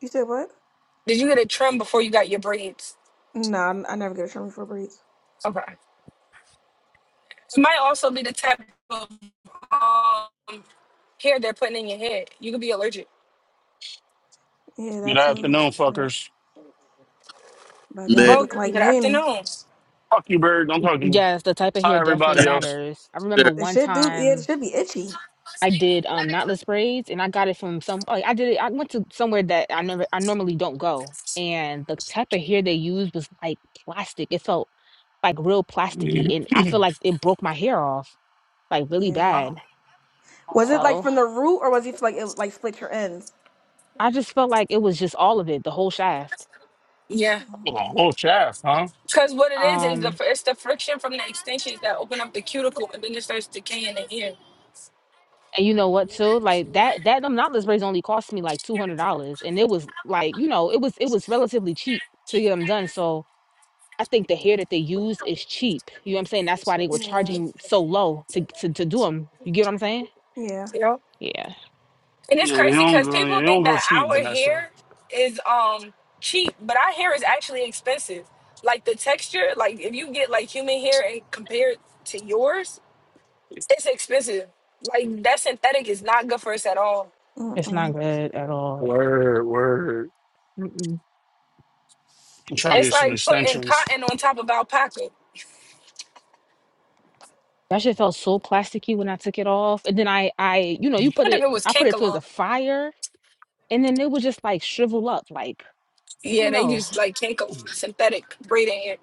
Speaker 7: You said what?
Speaker 8: Did you get a trim before you got your braids?
Speaker 7: Nah, I I never get a trim for braids.
Speaker 8: Okay. It might also be the type of um hair they're putting in your head. You could be allergic.
Speaker 7: Yeah,
Speaker 9: Good
Speaker 7: that too.
Speaker 9: afternoon,
Speaker 7: Shit.
Speaker 9: fuckers.
Speaker 7: Baby out
Speaker 2: Man,
Speaker 7: here
Speaker 8: Well,
Speaker 7: looking like
Speaker 8: good
Speaker 7: Manny.
Speaker 8: afternoon.
Speaker 9: Fuck you, Bird. Don't talk to me.
Speaker 3: Yes, the type of
Speaker 9: Hi,
Speaker 3: hair definitely
Speaker 9: everybody else.
Speaker 3: matters. I remember
Speaker 2: they're-
Speaker 7: It
Speaker 3: one
Speaker 7: should do yeah, it
Speaker 3: time
Speaker 7: should be itchy.
Speaker 3: I did um knotless braids, and I got it from some. Like, I did it. I went to somewhere that I never, I normally don't go, and the type of hair they used was like plastic. It felt like real plasticky,
Speaker 9: Yeah.
Speaker 3: and I feel like it broke my hair off like really
Speaker 7: Yeah.
Speaker 9: Uh,
Speaker 3: bad.
Speaker 9: uh,
Speaker 7: Was it
Speaker 9: uh.
Speaker 7: like
Speaker 3: So.
Speaker 7: from the root or was it like it like split your ends?
Speaker 3: I just felt like it was just all of it, the whole shaft.
Speaker 8: Yeah.
Speaker 9: Oh,
Speaker 7: Mhm.
Speaker 9: whole chaff, huh?
Speaker 8: Because what it is is the
Speaker 3: Um,
Speaker 8: it's the friction from the extensions that open up the cuticle and then it starts decaying the hair.
Speaker 3: and you know what too? Like that that them knotless braids only cost me like two hundred dollars, and it was like you know it was it was relatively cheap to get them done. So I think the hair that they use is cheap. You know what I'm saying? That's why they were
Speaker 7: Yeah.
Speaker 3: charging so low to to to do them. You get what I'm saying?
Speaker 7: Yeah.
Speaker 8: You know,
Speaker 3: Yeah,
Speaker 8: and it's
Speaker 9: Yeah, you
Speaker 8: crazy
Speaker 9: don't
Speaker 8: because
Speaker 9: go,
Speaker 8: people
Speaker 9: you
Speaker 8: think
Speaker 9: don't go
Speaker 8: that
Speaker 9: cheap,
Speaker 8: our
Speaker 9: Vanessa.
Speaker 8: hair is um cheap, but our hair is actually expensive. Like the texture, like if you get like human hair and compare it to yours, it's expensive. Like that synthetic is not good for us at all.
Speaker 3: it's not
Speaker 7: Mm-mm.
Speaker 3: good at all.
Speaker 9: Word, word.
Speaker 3: Mm-mm.
Speaker 9: I'm trying to
Speaker 8: It's
Speaker 9: get some
Speaker 8: like putting
Speaker 9: extensions.
Speaker 8: cotton on top of alpaca. I
Speaker 3: That shit felt so plasticky when I took it off, and then I I you know you put
Speaker 8: wonder if
Speaker 3: it
Speaker 8: it was
Speaker 3: I put it towards the
Speaker 8: cankalon.
Speaker 3: fire, and then it would just like shrivel up. Like I
Speaker 8: Yeah,
Speaker 3: don't
Speaker 8: they
Speaker 3: know.
Speaker 8: use like cankalon synthetic braiding hair.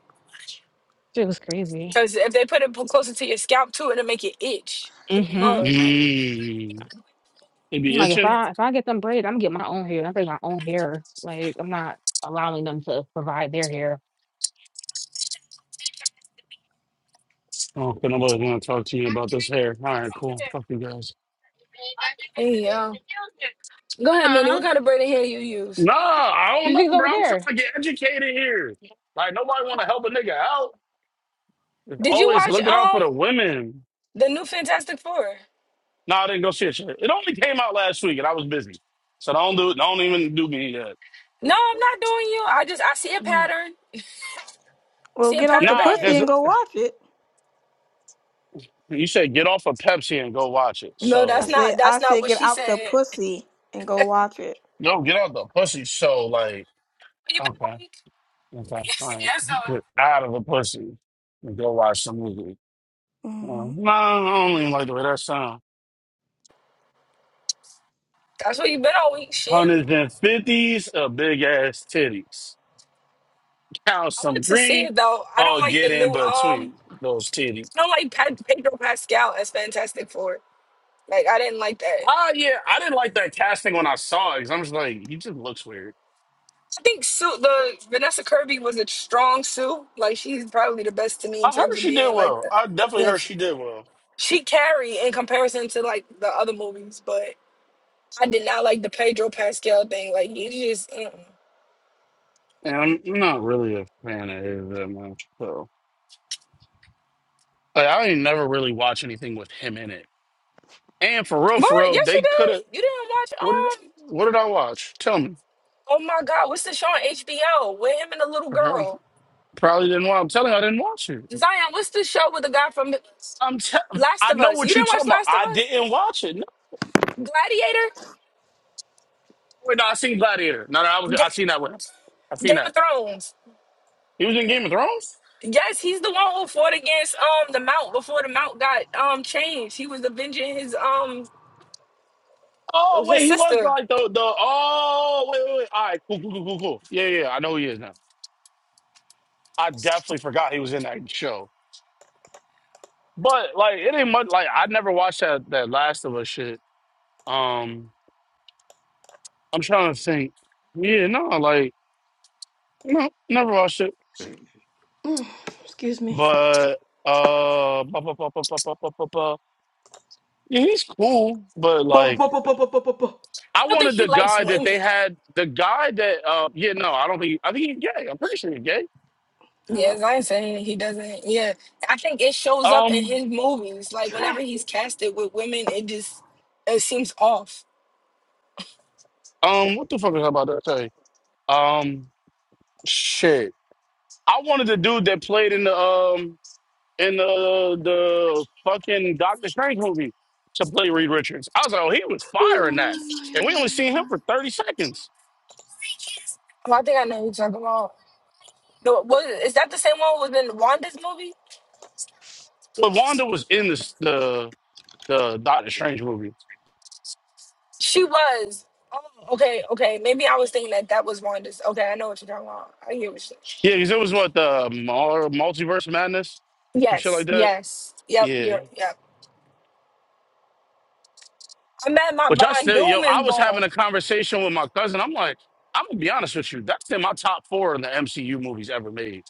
Speaker 3: Shit was crazy.
Speaker 8: Because if they put it p- closer to your scalp too, it'll make it itch. Like
Speaker 3: hmm
Speaker 8: mud.
Speaker 9: Mmm. They be
Speaker 3: like if
Speaker 9: itching?
Speaker 3: I if I get them braids, I'm gonna get my own hair. I think my own hair. Like I'm not allowing them to provide their hair.
Speaker 9: Oh, okay, nobody's gonna talk to you about this hair. All right, cool. Fuck you guys.
Speaker 8: Hey yo. Go ahead, Manny. What
Speaker 3: Huh?
Speaker 8: kind of braided hair you use?
Speaker 9: Nah, I don't
Speaker 3: You
Speaker 9: know,
Speaker 3: think's
Speaker 9: bro.
Speaker 3: over
Speaker 9: I'm trying
Speaker 3: there?
Speaker 9: to get educated here. Like, nobody want to help a nigga out. It's
Speaker 8: Did you
Speaker 9: always
Speaker 8: watch
Speaker 9: looking out for
Speaker 8: um
Speaker 9: the women.
Speaker 8: the new Fantastic Four?
Speaker 9: No, I didn't go see it. shit. It only came out last week, and I was busy, so don't do don't even do me that.
Speaker 8: No, I'm not doing you. I just I see a pattern.
Speaker 7: Well
Speaker 8: See a
Speaker 7: get out
Speaker 8: pattern
Speaker 7: the
Speaker 8: braided
Speaker 9: Nah,
Speaker 7: pussy
Speaker 9: because
Speaker 7: and
Speaker 8: hair.
Speaker 7: go watch it.
Speaker 9: you said get off of Pepsi and go watch it.
Speaker 8: No,
Speaker 7: I
Speaker 8: that's
Speaker 9: So
Speaker 8: not
Speaker 7: said I
Speaker 8: that's not
Speaker 7: said
Speaker 8: what
Speaker 7: get
Speaker 8: she
Speaker 7: out the
Speaker 8: said.
Speaker 7: pussy and go watch it.
Speaker 9: no, get off the pussy. So like,
Speaker 8: You been all
Speaker 9: okay,
Speaker 8: week.
Speaker 9: okay, all
Speaker 8: So
Speaker 9: right, get out of the pussy and go watch some movie. Uh,
Speaker 7: hmm
Speaker 9: No, I don't even like the way that sounds.
Speaker 8: that's what you've been all week. Shit.
Speaker 9: Hundreds and fifties of big ass titties. Count
Speaker 8: I want
Speaker 9: some
Speaker 8: to see
Speaker 9: green
Speaker 8: it though. I don't
Speaker 9: or
Speaker 8: like the
Speaker 9: get in
Speaker 8: new
Speaker 9: between
Speaker 8: um
Speaker 9: those titties.
Speaker 8: I don't like Ped- Pedro Pascal as Fantastic Four. Like I didn't like that.
Speaker 9: Ah, yeah, I didn't like that casting when I saw it because I'm just like, he just looks weird.
Speaker 8: I think Sue, the Vanessa Kirby was a strong Sue. Like she's probably the best to me in
Speaker 9: I
Speaker 8: terms
Speaker 9: heard
Speaker 8: of
Speaker 9: she did
Speaker 8: being like
Speaker 9: well.
Speaker 8: the
Speaker 9: I definitely
Speaker 8: yeah.
Speaker 9: heard
Speaker 8: She,
Speaker 9: she did well.
Speaker 8: she carry in comparison to like the other movies, but I did not like the Pedro Pascal thing. Like you just, mm
Speaker 9: And I'm not really a fan of his that much, so like, I ain't never really watch anything with him in it. And for real,
Speaker 8: but
Speaker 9: for real,
Speaker 8: yes, you
Speaker 9: they could
Speaker 8: did.
Speaker 9: have.
Speaker 8: You didn't watch
Speaker 9: What did
Speaker 8: um.
Speaker 9: What did I watch? Tell me.
Speaker 8: Oh my God, what's the show on HBO with him and the little
Speaker 9: Uh,
Speaker 8: girl?
Speaker 9: Probably didn't watch. I'm telling you, I didn't watch it.
Speaker 8: Zion, what's the show with the guy from
Speaker 9: I'm. Te-
Speaker 8: Last
Speaker 9: I
Speaker 8: of
Speaker 9: know
Speaker 8: Us? You
Speaker 9: what you're
Speaker 8: didn't watch
Speaker 9: talking about.
Speaker 8: Last of
Speaker 9: I
Speaker 8: Us?
Speaker 9: didn't watch it. No,
Speaker 8: Gladiator?
Speaker 9: wait, no, I seen Gladiator. No, no, I was. I seen
Speaker 8: Ga-
Speaker 9: that with him. I seen
Speaker 8: Game of
Speaker 9: that.
Speaker 8: Thrones.
Speaker 9: He was in Game of Thrones.
Speaker 8: Yes, he's the one who fought against um the Mount before the Mount got um changed. He was avenging his um
Speaker 9: Oh
Speaker 8: his
Speaker 9: wait, he was
Speaker 8: sister.
Speaker 9: like the the oh wait wait wait. All right, cool cool cool cool cool. Yeah yeah, yeah. I know who he is now. I definitely forgot he was in that show. But like it ain't much. Like I never watched that that Last of Us shit. Um, I'm trying to think. Yeah, no, like no, never watched it.
Speaker 7: Mm, excuse me.
Speaker 9: But uh, ba, ba, ba, ba, ba, ba, ba, ba, ba. yeah, he's cool. But
Speaker 7: Bo- bo-
Speaker 9: like,
Speaker 7: bo- bo- bo- bo- bo- bo.
Speaker 9: I
Speaker 8: I don't think
Speaker 9: wanted
Speaker 8: he
Speaker 9: the
Speaker 8: likes
Speaker 9: guy that they
Speaker 8: women.
Speaker 9: had. The guy that uh, yeah, no, I don't think. I think he's gay. I'm pretty sure he's gay.
Speaker 8: Yes,
Speaker 7: Hello.
Speaker 8: I ain't saying he doesn't. Yeah, I think it shows up in
Speaker 9: Um,
Speaker 8: his movies. Like whenever he's
Speaker 7: Traffic.
Speaker 8: casted with women, it just it seems off.
Speaker 9: um, what the fuck is that about that? Um, shit. I wanted the dude that played in the um in the the fucking Doctor Strange movie to play Reed Richards. I was like, oh, he was firing that, and we only seen him for thirty seconds.
Speaker 8: Oh, I think I know who you're talking about. No, was is that the same one who was in Wanda's movie?
Speaker 9: But Wanda was in this the the Doctor Strange movie.
Speaker 8: She was. Oh, okay, okay. Maybe I was thinking that that was Wanda's. Okay, I know what you're talking about. I hear what you're.
Speaker 9: Yeah, because it was what the mul- multiverse madness and shit
Speaker 8: Yes,
Speaker 9: like that.
Speaker 8: yes. Yep,
Speaker 9: Yeah,
Speaker 8: you're. Yep. I'm mad my
Speaker 9: but y'all
Speaker 8: Von
Speaker 9: still, yo,
Speaker 8: Doom is
Speaker 9: I was
Speaker 8: going.
Speaker 9: having a conversation with my cousin. I'm like, I'm gonna be honest with you, that's in my top four in the MCU movies ever made.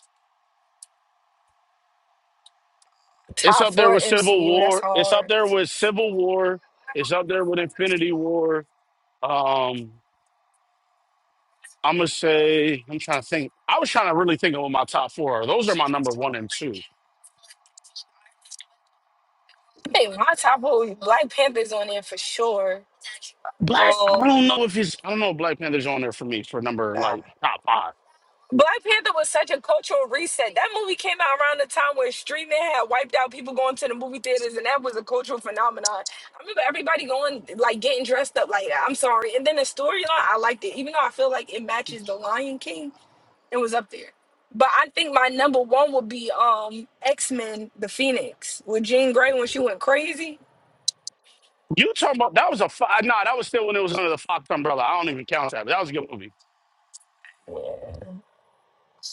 Speaker 9: It's
Speaker 8: Top
Speaker 9: up there
Speaker 8: four
Speaker 9: with Civil
Speaker 8: MCU, that's
Speaker 9: War. It's
Speaker 8: hard.
Speaker 9: up there with Civil War. It's up there with Infinity War. Um, I'm gonna say I'm trying to think. I was trying to really think of what my top four are. Those are my number one and two.
Speaker 8: I think my top four was Black Panther's on there for sure.
Speaker 9: Black. I
Speaker 8: Um,
Speaker 9: don't know if it's. I don't know. if Black Panther's on there for me for number
Speaker 8: nah.
Speaker 9: like top five.
Speaker 8: Black Panther was such a cultural reset. That movie came out around the time where streaming had wiped out people going to the movie theaters, and that was a cultural phenomenon. I remember everybody going, like, getting dressed up like that. I'm sorry. And then the storyline, I liked it, even though I feel like it matches The Lion King. It was up there. But I think my number one would be um X Men: The Phoenix with Jean Grey when she went crazy.
Speaker 9: You talking about that was a five? Nah, that was still when it was under the Fox umbrella. I don't even count that. But that was a good movie.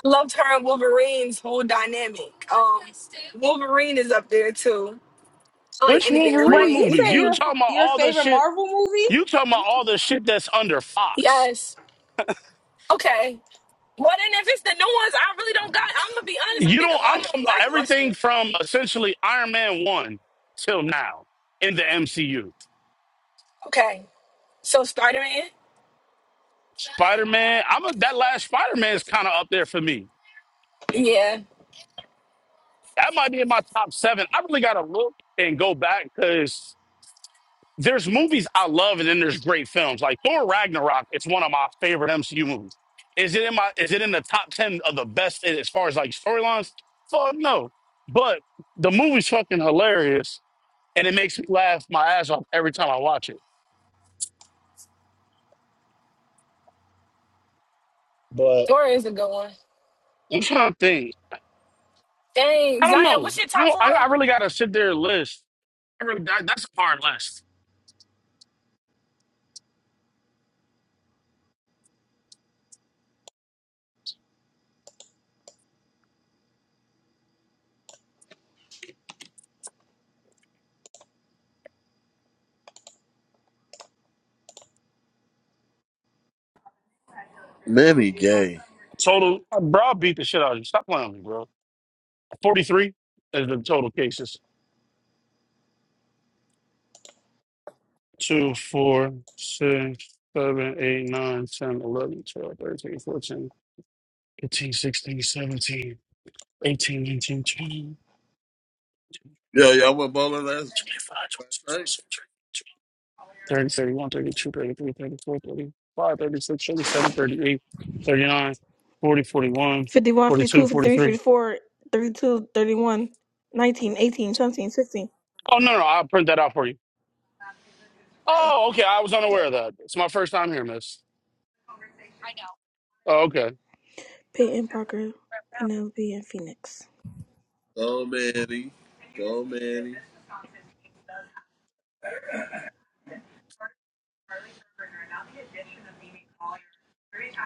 Speaker 8: Loved her and Wolverine's whole dynamic. Um, Wolverine is up there too. I like
Speaker 9: Which
Speaker 8: anything
Speaker 9: Wolverine
Speaker 7: Wait,
Speaker 8: Wolverine.
Speaker 7: you
Speaker 9: movies?
Speaker 7: saying
Speaker 9: You
Speaker 8: Anything?
Speaker 7: your
Speaker 9: talking about
Speaker 7: your
Speaker 9: all the
Speaker 7: favorite
Speaker 9: shit?
Speaker 7: Marvel movie?
Speaker 9: You talking about all the shit that's under Fox?
Speaker 8: Yes. Okay. Well, then if it's the new ones, I really don't got. I'm gonna be honest. I
Speaker 9: You
Speaker 8: think
Speaker 9: know,
Speaker 8: a lot
Speaker 9: I'm
Speaker 8: of them
Speaker 9: talking about everything
Speaker 8: lackluster.
Speaker 9: from essentially Iron Man one till now in the MCU.
Speaker 8: Okay. So Spider Man.
Speaker 9: Spider Man, I'm a, that last Spider Man is kind of up there for me.
Speaker 8: Yeah.
Speaker 9: That might be in my top seven. I really gotta look and go back because there's movies I love and then there's great films like Thor Ragnarok. It's one of my favorite MCU movies. Is it in my? Is it in the top ten of the best as far as like storylines? Fuck no. But the movie's fucking hilarious and it makes me laugh my ass off every time I watch it. But
Speaker 8: Thor is a good one.
Speaker 9: I'm trying to think.
Speaker 8: Dang,
Speaker 9: I don't
Speaker 8: Zion,
Speaker 9: know.
Speaker 8: what's your
Speaker 9: I
Speaker 8: top
Speaker 9: don't,
Speaker 8: four?
Speaker 9: I, I really gotta sit there and list. I really, that, that's a hard list.
Speaker 2: Manny gay.
Speaker 9: Total, uh, bro, I beat the shit out of you. Stop playing with me, bro. Forty three is the total cases. Two, four, six, seven, eight, nine, ten, eleven, twelve, thirteen, fourteen, fifteen, sixteen, seventeen, eighteen, nineteen, twenty,
Speaker 2: Yo, y'all went bowling last
Speaker 9: twenty-five, twenty-six,
Speaker 2: night?
Speaker 9: twenty-seven, 30, 31, 32, 33, 34, 35, 36, 37, 38, 39, 40, 41,
Speaker 7: 51, fifty
Speaker 9: 42,
Speaker 7: two, 53,
Speaker 9: 43.
Speaker 7: 54, 32, 31, 19, 18, 17, 16.
Speaker 9: Oh, no, no, I'll print that out for you. Oh, okay. I was unaware of that. It's my first time here, miss. Oh, okay.
Speaker 7: Peyton Parker, Penelope, and Phoenix.
Speaker 2: Go Manny. Go Manny.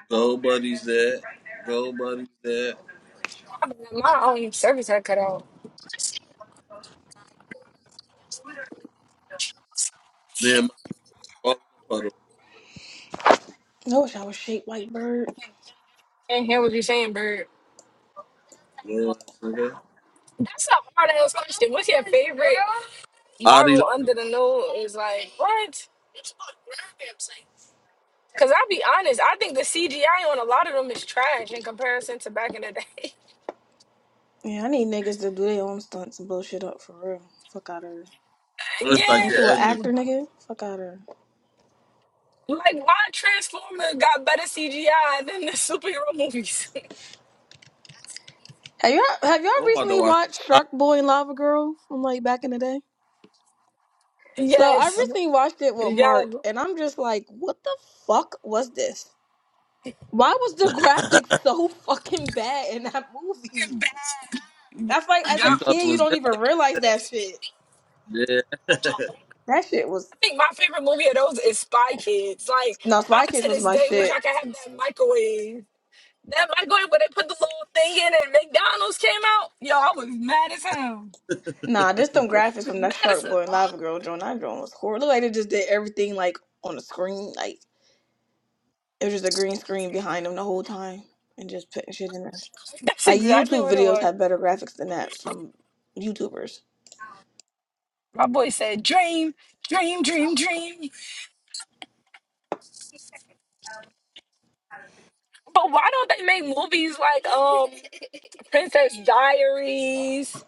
Speaker 2: Go buddies that. Go buddies that.
Speaker 8: My, my um, service had cut out.
Speaker 2: Then my bowling puddle.
Speaker 7: I wish I was shaped like Bird.
Speaker 8: Can't hear what you're saying, bird.
Speaker 2: You know what I'm saying?
Speaker 8: That's a hard ass question. What's your favorite
Speaker 2: Adi,
Speaker 8: Marvel
Speaker 2: don't come
Speaker 8: under
Speaker 2: in
Speaker 8: the
Speaker 2: here and sit at
Speaker 8: nose?
Speaker 2: the
Speaker 8: Like what? Cause I'll be honest, I think the CGI on a lot of them is trash in comparison to back in the day.
Speaker 7: Yeah, I need niggas to do their own stunts and blow shit up for real. Fuck out of her.
Speaker 2: bottom. Unless I
Speaker 7: Ain't
Speaker 2: get
Speaker 7: you an
Speaker 8: yeah,
Speaker 2: edges.
Speaker 7: actor, nigga? Fuck out of her.
Speaker 8: like why Transformer got better CGI than the superhero movies?
Speaker 7: Have y'all have y'all
Speaker 2: Oh, I'm about to
Speaker 7: recently watched Shark
Speaker 2: watch.
Speaker 7: Boy and Lava Girl from like back in the day? So I
Speaker 8: yes,
Speaker 7: recently watched it with
Speaker 8: yeah,
Speaker 7: Mark, and I'm just like, what the fuck was this? Why was the graphics so fucking bad in that movie?
Speaker 8: Fucking bad.
Speaker 7: That's like as a
Speaker 2: you
Speaker 8: Yup.
Speaker 2: thought it
Speaker 7: kid, you
Speaker 2: was
Speaker 7: don't
Speaker 2: good.
Speaker 7: even realize that shit.
Speaker 2: Yeah.
Speaker 7: That shit was
Speaker 8: I think my favorite movie of those is Spy Kids. Like
Speaker 7: no Spy
Speaker 8: I
Speaker 7: Kids
Speaker 8: to
Speaker 7: was
Speaker 8: this
Speaker 7: my
Speaker 8: day wish I
Speaker 7: shit.
Speaker 8: could have that microwave. That my going where they put the little thing in and McDonald's came out. Yo, I was mad as hell.
Speaker 7: Nah, this them graphics from that
Speaker 8: Mad as
Speaker 7: Shark Boy and
Speaker 8: hell.
Speaker 7: Lava Girl joint. That joint was horrible. Look like they just did everything like on the screen. Like it was just a green screen behind them the whole time and just putting shit in there.
Speaker 8: That's
Speaker 7: Like
Speaker 8: exactly
Speaker 7: YouTube
Speaker 8: what it
Speaker 7: videos
Speaker 8: was.
Speaker 7: have better graphics than that from YouTubers.
Speaker 8: My boy said, "Dream, dream, dream, dream." But why don't they make movies like um Princess Diaries?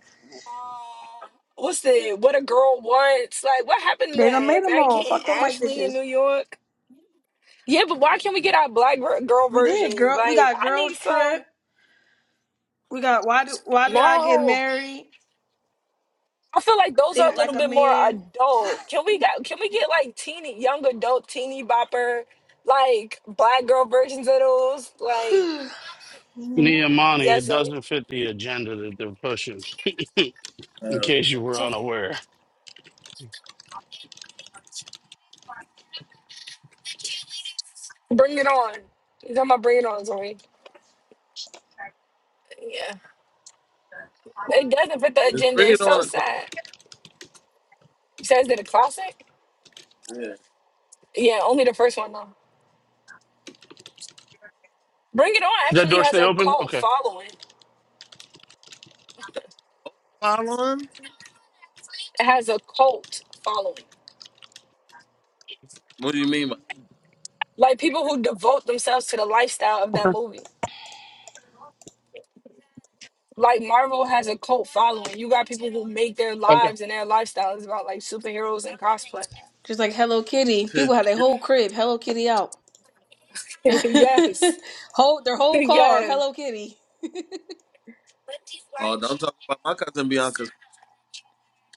Speaker 8: Uh, What's the What a Girl Wants? Like, what happened to
Speaker 7: They done
Speaker 8: that?
Speaker 7: made them
Speaker 8: Mary
Speaker 7: all.
Speaker 8: Kate
Speaker 7: Fuck them
Speaker 8: and
Speaker 7: white
Speaker 8: Ashley in
Speaker 7: bitches.
Speaker 8: New York? Yeah, but why can't we get our black ver- girl
Speaker 7: We did,
Speaker 8: versions?
Speaker 7: girl. We
Speaker 8: Like,
Speaker 7: got
Speaker 8: I need
Speaker 7: Girls
Speaker 8: some.
Speaker 7: Trip. We got Why Did Why Did I Get
Speaker 8: No.
Speaker 7: Married?
Speaker 8: I feel like those are a
Speaker 7: Think Like
Speaker 8: little
Speaker 7: a
Speaker 8: bit more
Speaker 7: Man.
Speaker 8: adult. Can we got can we get like teeny young adult teeny bopper like black girl versions of those? Like
Speaker 7: Mhm.
Speaker 9: Niamani, it
Speaker 8: yes,
Speaker 9: doesn't fit the agenda that they're pushing, in
Speaker 2: Uh,
Speaker 9: case you were
Speaker 8: Zoe.
Speaker 9: unaware.
Speaker 8: bring it on. You talking about bring it on, Zoe? Yeah, it doesn't fit the
Speaker 2: us
Speaker 8: agenda.
Speaker 2: bring it
Speaker 8: It's
Speaker 2: on
Speaker 8: so
Speaker 2: a class.
Speaker 8: sad. It says that a classic.
Speaker 2: Yeah.
Speaker 8: Yeah, only the first one though. Bring It On
Speaker 9: Does that
Speaker 8: actually
Speaker 9: door
Speaker 8: has
Speaker 9: stay
Speaker 8: a
Speaker 9: open?
Speaker 8: cult
Speaker 9: Okay.
Speaker 8: following.
Speaker 2: Following?
Speaker 8: It has a cult following,
Speaker 2: What do you mean by
Speaker 8: like people who devote themselves to the lifestyle of that
Speaker 9: Okay.
Speaker 8: movie. like Marvel has a cult following. You got people who make their
Speaker 9: Okay.
Speaker 8: lives and their lifestyles about like superheroes and cosplay.
Speaker 7: Just like Hello Kitty,
Speaker 2: to
Speaker 7: people have their
Speaker 2: chill?
Speaker 7: whole crib Hello Kitty out,
Speaker 8: yes.
Speaker 7: whole their whole car
Speaker 8: yes.
Speaker 7: Hello Kitty.
Speaker 2: Oh, don't talk about my cousin Bianca's.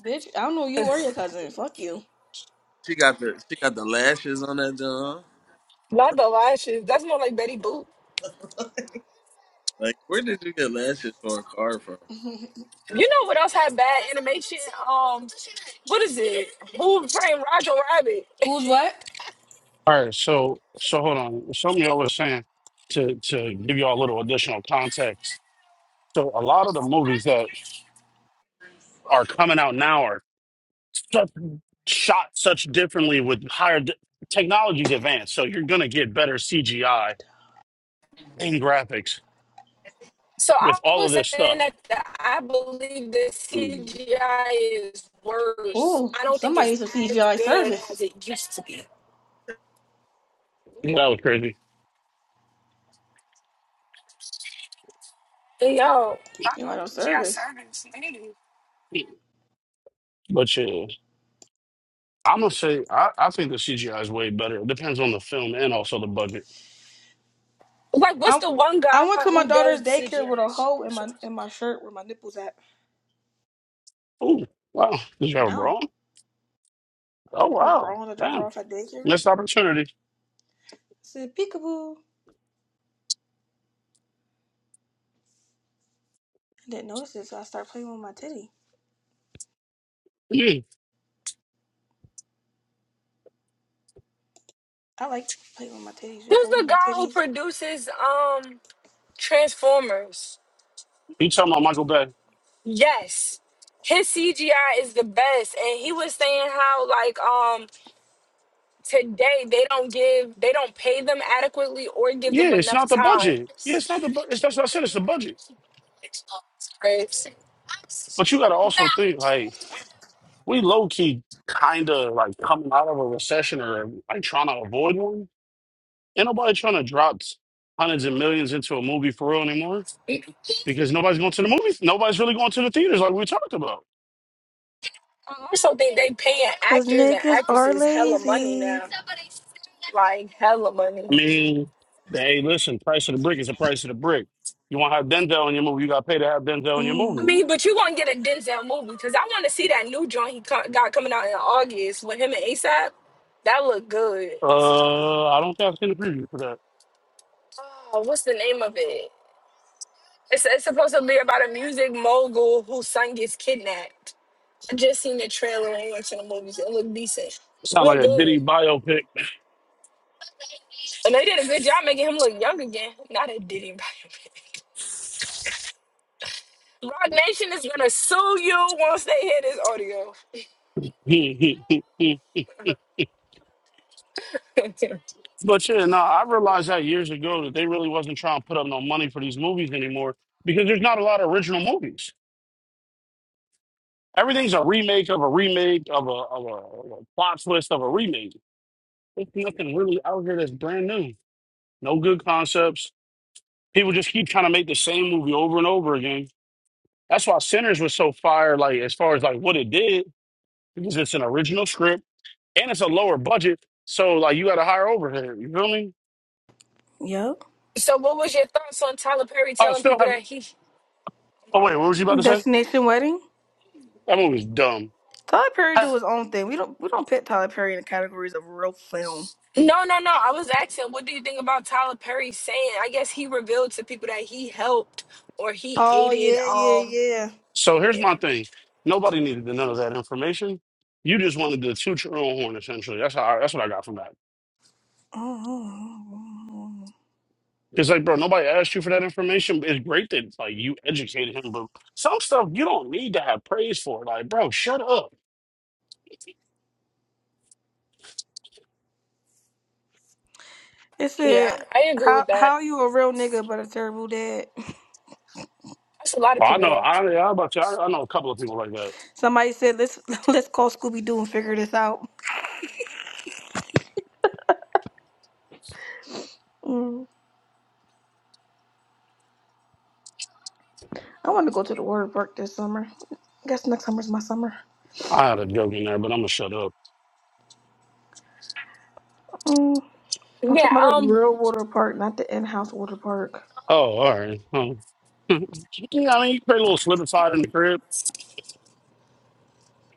Speaker 7: Bitch, I don't know you or your cousin. Fuck you.
Speaker 2: She got the she got the lashes on that John.
Speaker 8: Not the lashes. That's more like Betty Boop.
Speaker 2: Like, where did you get lashes for a car from?
Speaker 8: You know what else had bad animation? Um, what is it? Who framed Roger Rabbit?
Speaker 7: Who's what?
Speaker 9: All right. So, so hold on. Something y'all was saying to, to give y'all a little additional context. So, a lot of the movies that are coming out now are such, shot such differently with higher d- technologies advanced. So you're going to get better CGI and graphics
Speaker 8: So I
Speaker 9: with all of
Speaker 8: was
Speaker 9: this
Speaker 8: saying
Speaker 9: stuff.
Speaker 8: that the, I believe the
Speaker 9: Mm,
Speaker 8: CGI is worse.
Speaker 7: Ooh,
Speaker 8: I don't think
Speaker 7: somebody
Speaker 8: it's
Speaker 7: needs some
Speaker 8: as
Speaker 7: CGI
Speaker 8: good as
Speaker 7: service.
Speaker 8: it used to be.
Speaker 9: That was crazy.
Speaker 8: Hey, Yo, I'm
Speaker 7: You know, I don't
Speaker 8: a CGI
Speaker 7: service.
Speaker 8: service. Nigga.
Speaker 9: But yeah, I'm going to say, I, I think the CGI is way better. It depends on the film and also the budget.
Speaker 8: Like, what's
Speaker 7: I
Speaker 8: the one guy
Speaker 7: I went to my
Speaker 8: who does
Speaker 7: daughter's daycare with a
Speaker 8: CGI?
Speaker 7: hoe in my in my shirt where my nipples at.
Speaker 9: Oh, wow. Did you have a bra?
Speaker 7: No,
Speaker 9: on?
Speaker 7: I'm not
Speaker 9: Oh,
Speaker 7: gonna
Speaker 9: wow.
Speaker 7: bra on to drop her
Speaker 9: Damn.
Speaker 7: off at daycare.
Speaker 9: Missed
Speaker 7: I
Speaker 9: opportunity.
Speaker 7: said peekaboo. I didn't notice it, so I started playing with my titty.
Speaker 9: Yeah.
Speaker 7: I like playing with my titties, just
Speaker 8: Who's the
Speaker 7: holding my
Speaker 8: guy who
Speaker 7: titties.
Speaker 8: produces um Transformers?
Speaker 9: You talking about Michael Bay?
Speaker 8: Yes, his CGI is the best, and he was saying how like um today they don't give they don't pay them adequately or give
Speaker 9: Yeah,
Speaker 8: them
Speaker 9: it's
Speaker 8: enough
Speaker 9: not the
Speaker 8: time.
Speaker 9: budget. Yeah, it's not the budget. That's what I said. It's the budget. But you got to also think, like, we low key kind of like coming out of a recession or like trying to avoid one. Ain't nobody trying to drop hundreds of millions into a movie for real anymore
Speaker 8: Right.
Speaker 9: because nobody's going to the movies. Nobody's really going to the theaters like we talked about.
Speaker 8: I also think they paying
Speaker 7: Cause
Speaker 8: actors and
Speaker 7: niggas are
Speaker 8: actresses hella money
Speaker 7: lazy.
Speaker 8: now. Like hella
Speaker 9: I
Speaker 8: money.
Speaker 9: mean, hey, listen, price of the brick is the price of the brick. You want to have Denzel in your movie, you got to pay to have Denzel in your
Speaker 8: I
Speaker 9: movie.
Speaker 8: mean,
Speaker 7: Mm-hmm.
Speaker 8: but you gonna get a Denzel movie because I want to see that new joint he co- got coming out in August with him and ASAP. That look good.
Speaker 9: Uh, I don't think I've seen the preview for that.
Speaker 8: Oh, what's the name of it? It's, it's supposed to be about a music mogul whose son gets kidnapped. I just seen the trailer and went to the movies. It looked decent.
Speaker 9: Sound like
Speaker 8: Look
Speaker 9: a
Speaker 8: good.
Speaker 9: bitty biopic.
Speaker 8: And they did a good job making him look young again. Now they did him. Rock Nation is gonna sue you once they hear this audio.
Speaker 9: But yeah, no, I realized that years ago that they really wasn't trying to put up no money for these movies anymore because there's not a lot of original movies. Everything's a remake of a remake of a, of a, of a plot twist of a remake. There's nothing really out here that's brand new. No good concepts. People just keep trying to make the same movie over and over again. That's why Sinners was so fire, like as far as like what it did, because it's an original script and it's a lower budget. So like you got a higher overhead. You feel me?
Speaker 7: Yep.
Speaker 8: So, what was your thoughts on Tyler Perry
Speaker 9: Oh,
Speaker 8: telling
Speaker 9: still
Speaker 8: people
Speaker 9: have.
Speaker 8: that he? Oh
Speaker 9: Oh
Speaker 8: my
Speaker 9: wait,
Speaker 8: God.
Speaker 9: what was you about to say?
Speaker 7: Destination Wedding.
Speaker 9: That movie's dumb.
Speaker 7: Tyler Perry do his own thing. We don't we don't pit Tyler Perry in the categories of real film.
Speaker 8: No, no, no. I was asking, what do you think about Tyler Perry saying? I guess he revealed to people that he helped or he
Speaker 7: Oh
Speaker 8: aided.
Speaker 7: yeah, yeah,
Speaker 8: Um,
Speaker 7: yeah.
Speaker 9: So here's
Speaker 8: yeah,
Speaker 9: my thing. Nobody needed to know that information. You just wanted to toot your own horn, essentially. That's how. I, that's what I got from that.
Speaker 7: Mm-hmm.
Speaker 9: It's like, bro, nobody asked you for that information. but It's great that like you educated him, but some stuff you don't need to have praise for. Like, bro, shut up.
Speaker 7: It said
Speaker 8: yeah, I agree
Speaker 7: how
Speaker 8: with that.
Speaker 7: how you a real nigga but a terrible dad.
Speaker 8: That's a lot of
Speaker 9: Well, I
Speaker 8: people
Speaker 9: know.
Speaker 8: though.
Speaker 9: I, I about you. I, I know a couple of people like that.
Speaker 7: Somebody said let's let's call Scooby Doo and figure this out. Mm. I want to go to the water park this summer. I guess next summer's my summer.
Speaker 9: I had a joke in there, but I'm gonna shut up.
Speaker 7: Mm. I'm
Speaker 8: Yeah,
Speaker 7: talking about a
Speaker 8: um,
Speaker 7: real water park, not the in-house water park.
Speaker 9: Oh, all right. Oh. you know, what I mean, you create a little slip and slide in the crib,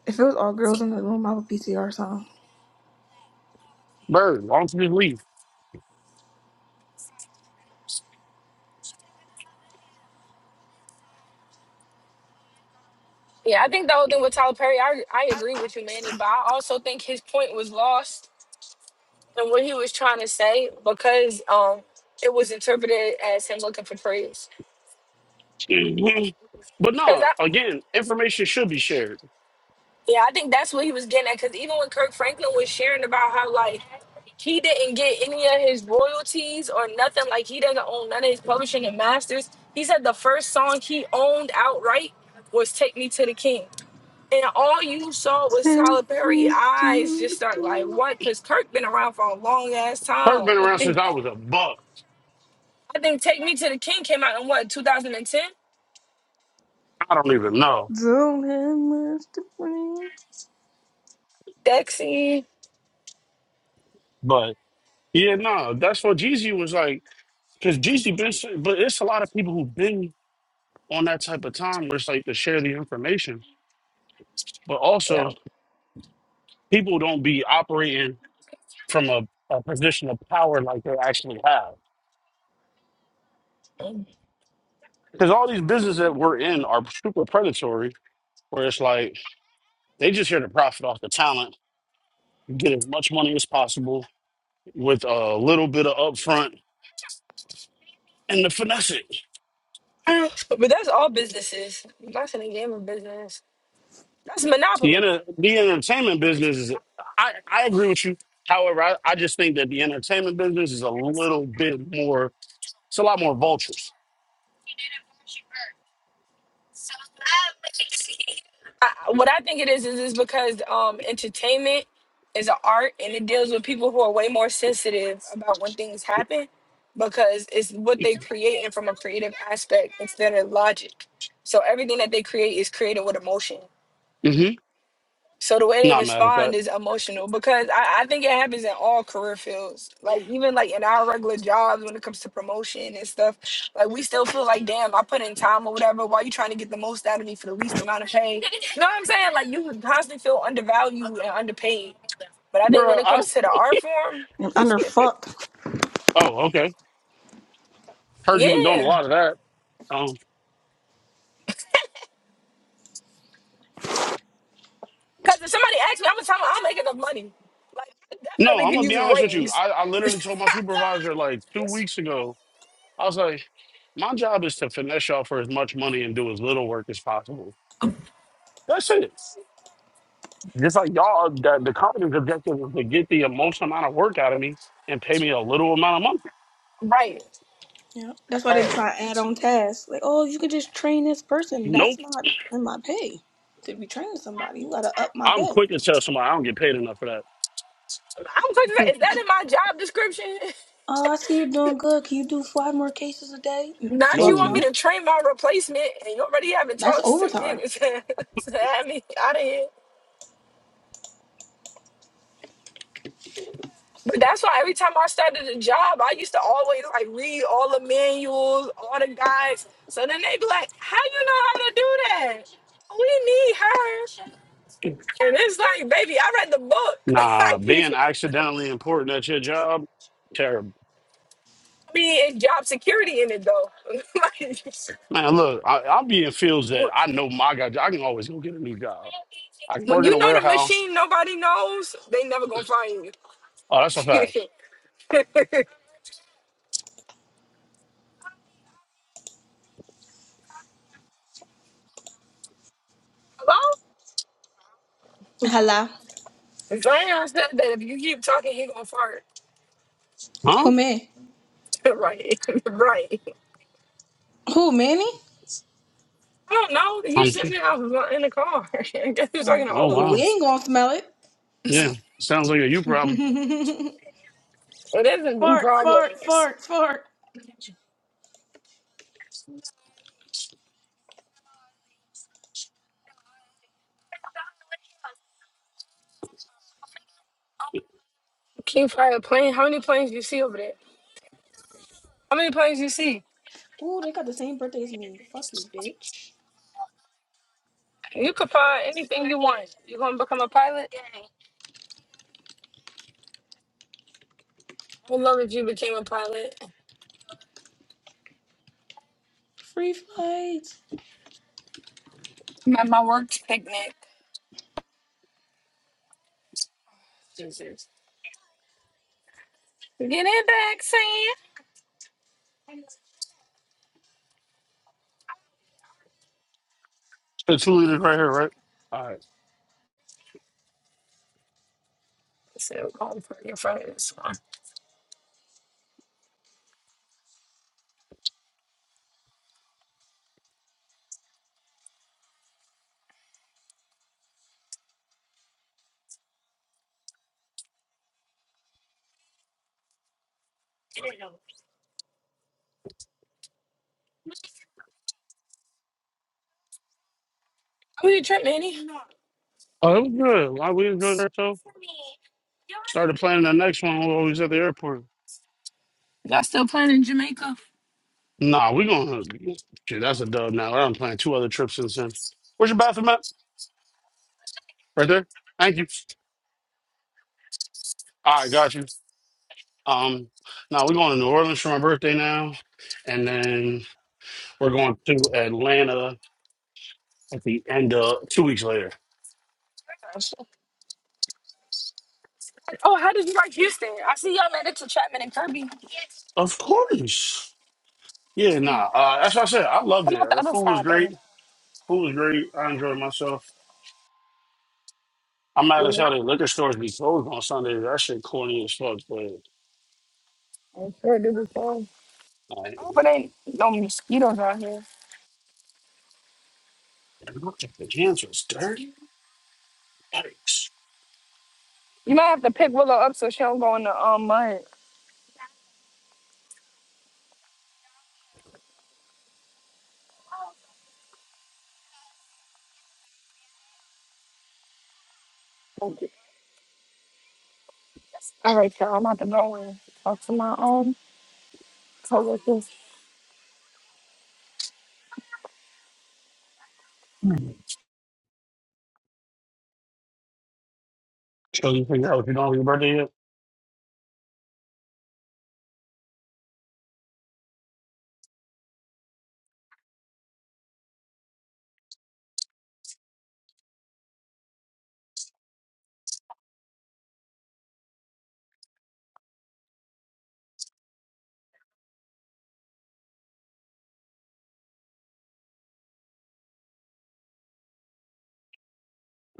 Speaker 7: If it was all girls in the room, I would PCR song.
Speaker 9: bird. Why don't you just
Speaker 8: yeah, I think the whole thing with Tyler Perry, I I agree with you, Manny, but I also think his point was lost and what he was trying to say because um it was interpreted as him looking for praise.
Speaker 9: leave? but
Speaker 8: Because
Speaker 9: no,
Speaker 8: I,
Speaker 9: again, information should be shared.
Speaker 8: yeah, I think that's what he was getting at. Because even when Kirk Franklin was sharing about how like he didn't get any of his royalties or nothing, like he doesn't own none of his publishing and masters. He said the first song he owned outright was "Take Me to the King." And all you saw was
Speaker 7: Take
Speaker 8: Tyler Perry
Speaker 7: me
Speaker 8: eyes
Speaker 7: to
Speaker 8: just
Speaker 7: the
Speaker 8: start like
Speaker 7: king.
Speaker 8: what? Because Kirk been around for a long ass
Speaker 9: Kirk
Speaker 8: time.
Speaker 9: been around since
Speaker 8: Like,
Speaker 9: I was a buck.
Speaker 8: I think "Take Me to the King" came out in what 2010.
Speaker 9: I don't even know.
Speaker 7: Don't have much to bring.
Speaker 8: Dexy.
Speaker 9: But yeah, no, that's what Jeezy was like. Because Jeezy been, s- but it's a lot of people who've been on that type of time where it's like to share the information, but
Speaker 8: Yeah.
Speaker 9: also people don't be operating from a, a position of power like they actually have.
Speaker 8: Mm.
Speaker 9: Because all these businesses that we're in are super predatory, where it's like they just here to profit off the talent, get as much money as possible with a little bit of upfront and the finesse it.
Speaker 8: But that's all businesses. That's in the gaming business. That's
Speaker 9: The,
Speaker 8: monopoly.
Speaker 9: enter, the entertainment business is, I, I agree with you. However, I, I just think that the entertainment business is a little bit more, it's a lot more vultures.
Speaker 8: I, what I think it is is is because um entertainment is an art and it deals with people who are way more sensitive about when things happen because it's what they create and from a creative aspect instead of logic. So everything that they create is created with emotion.
Speaker 9: Mm-hmm.
Speaker 8: So the way they
Speaker 9: Not mad at
Speaker 8: respond
Speaker 9: that.
Speaker 8: is emotional because I, I think it happens in all career fields. Like even like in our regular jobs when it comes to promotion and stuff, like we still feel like, damn, I put in time or whatever. Why you trying to get the most out of me for the least amount of pay? You know what I'm saying? Like you would constantly feel undervalued and underpaid. But I think when
Speaker 9: Bro,
Speaker 8: it
Speaker 9: I,
Speaker 8: comes to the art form,
Speaker 7: And
Speaker 8: it's
Speaker 7: under
Speaker 8: different.
Speaker 7: fuck.
Speaker 9: oh, okay. Heard you've been doing a
Speaker 8: Yeah.
Speaker 9: lot of that. Um,
Speaker 8: Cause if somebody asks me, I'm gonna tell them I'm making enough money. Like I
Speaker 9: no,
Speaker 8: definitely
Speaker 9: I'm
Speaker 8: can
Speaker 9: going to
Speaker 8: use
Speaker 9: be
Speaker 8: a
Speaker 9: honest with you.
Speaker 8: raise.
Speaker 9: I, I literally told my supervisor like two weeks ago, I was like, my job is to finesse y'all for as much money and do as little work as possible. That's it. Just like y'all, uh, the, the company's objective is to get the emotional amount of work out of me and pay me a little amount of money.
Speaker 8: right.
Speaker 7: Yeah, that's why they
Speaker 8: Right.
Speaker 7: try to add on tasks. Like, oh, you could just train this person.
Speaker 9: Nope.
Speaker 7: That's not in my pay. To be training somebody, you gotta up my
Speaker 9: I'm
Speaker 7: pay.
Speaker 9: quick to tell somebody I don't get paid enough for
Speaker 8: I'm like,
Speaker 9: that.
Speaker 8: is that in my job description?
Speaker 7: Oh, I see you're doing good. Can you do five more cases a day? Mm,
Speaker 8: Not you
Speaker 7: Fluff,
Speaker 8: want
Speaker 9: no.
Speaker 8: me
Speaker 7: no.
Speaker 8: to train my replacement, and you already having
Speaker 7: That's
Speaker 8: talks to
Speaker 7: overtime.
Speaker 8: get to, have me out of here. But that's why every time I started a job, I used to always like read all the manuals, all the guides. So then they be like, "How you know how to do that? We need her." And it's like, baby, I read the book.
Speaker 9: Nah,
Speaker 8: like,
Speaker 9: being accidentally important at your job, terrible.
Speaker 8: I mean, it's job security in it though. like,
Speaker 9: Man, look, I, I'll be in fields
Speaker 8: when
Speaker 9: that I know my guy. I can always go get a new job. I can
Speaker 8: when
Speaker 9: work in a
Speaker 8: you know the
Speaker 9: warehouse.
Speaker 8: machine, nobody knows. They never gonna find
Speaker 9: Oh, that's a fact.
Speaker 8: you. Hello?
Speaker 7: Hello.
Speaker 8: Zion said that if you keep talking, he gonna fart.
Speaker 7: Who
Speaker 9: Huh?
Speaker 7: me?
Speaker 8: right, right.
Speaker 7: Who, Manny?
Speaker 8: I don't know. He
Speaker 9: I'm
Speaker 8: just said
Speaker 9: kidding.
Speaker 8: that I was not in the car. I guess he was talking
Speaker 7: Oh,
Speaker 8: to
Speaker 9: Oh,
Speaker 8: all of
Speaker 7: well, we
Speaker 9: wow.
Speaker 8: us.
Speaker 7: ain't gonna smell it.
Speaker 9: Yeah. Sounds like a you problem.
Speaker 8: It isn't the
Speaker 7: fart,
Speaker 8: problem.
Speaker 7: fart, fart, fart.
Speaker 8: King fly a plane. How many planes do you see over there? How many planes do you see?
Speaker 7: Ooh, they got the same birthday as me. Fuck you, bitch.
Speaker 8: You could fly anything you want. You gonna become a pilot? I would love if you became a pilot.
Speaker 7: Free flights.
Speaker 8: I'm at my work picnic. Jesus. Get it back, Sam. I
Speaker 9: It's two leaders right here, right? All right.
Speaker 8: said I'm going for your friends. How was your trip, Manny?
Speaker 9: Oh, it was good. Why we enjoyed that show? Started planning the next one while we was at the airport.
Speaker 8: Y'all still playing in Jamaica?
Speaker 9: Nah, we gonna shit, that's a dub now. I'm planning two other trips since then. Where's your bathroom at? Right there. Thank you. All right, got you. Um now we're going to New Orleans for my birthday now. And then we're going to Atlanta at the end of two weeks later.
Speaker 8: Oh, how did you like Houston? I see y'all made it to Chapman and Kirby.
Speaker 9: Of course. Yeah, nah. Uh that's what I said. I loved
Speaker 8: Come
Speaker 9: it.
Speaker 8: out the
Speaker 9: The
Speaker 8: other
Speaker 9: food was
Speaker 8: side, baby.
Speaker 9: great. Food was great. I enjoyed myself. I'm mad
Speaker 8: You're
Speaker 9: as hell
Speaker 8: not.
Speaker 9: the liquor stores be closed on Sundays. That shit corny as fuck, but
Speaker 8: I sure do before.
Speaker 9: all right.
Speaker 8: I hope it ain't no mosquitoes out here.
Speaker 9: I don't think the hands was dirty. Yikes.
Speaker 8: You might have to pick Willow up so she don't go in the um mud. All right, y'all. I'm about to go and talk to my own coworkers.
Speaker 9: So you figure out if you don't have your birthday yet?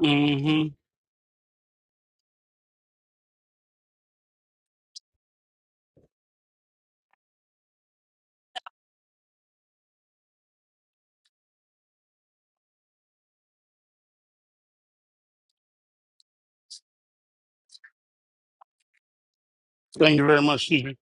Speaker 9: Mm-hmm. Thank you very much, Stevie.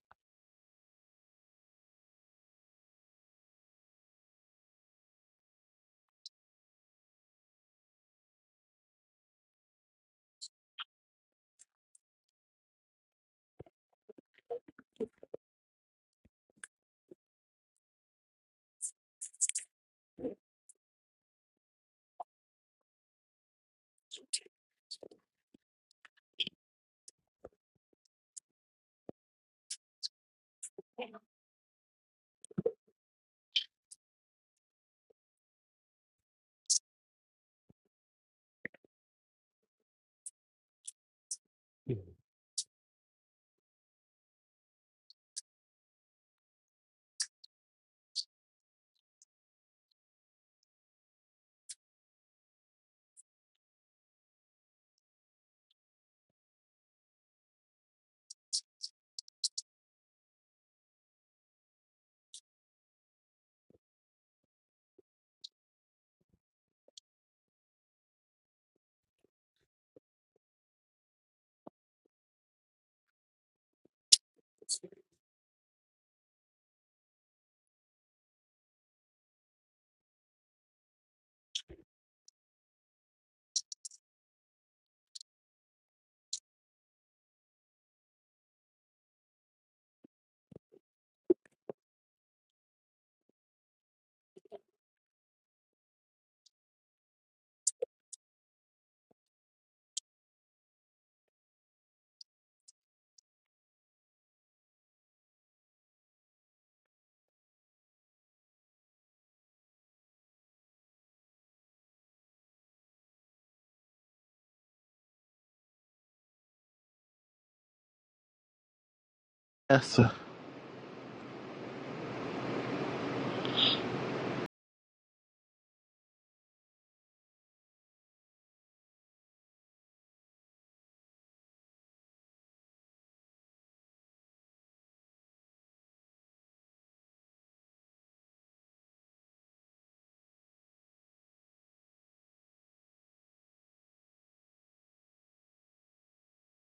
Speaker 10: Yes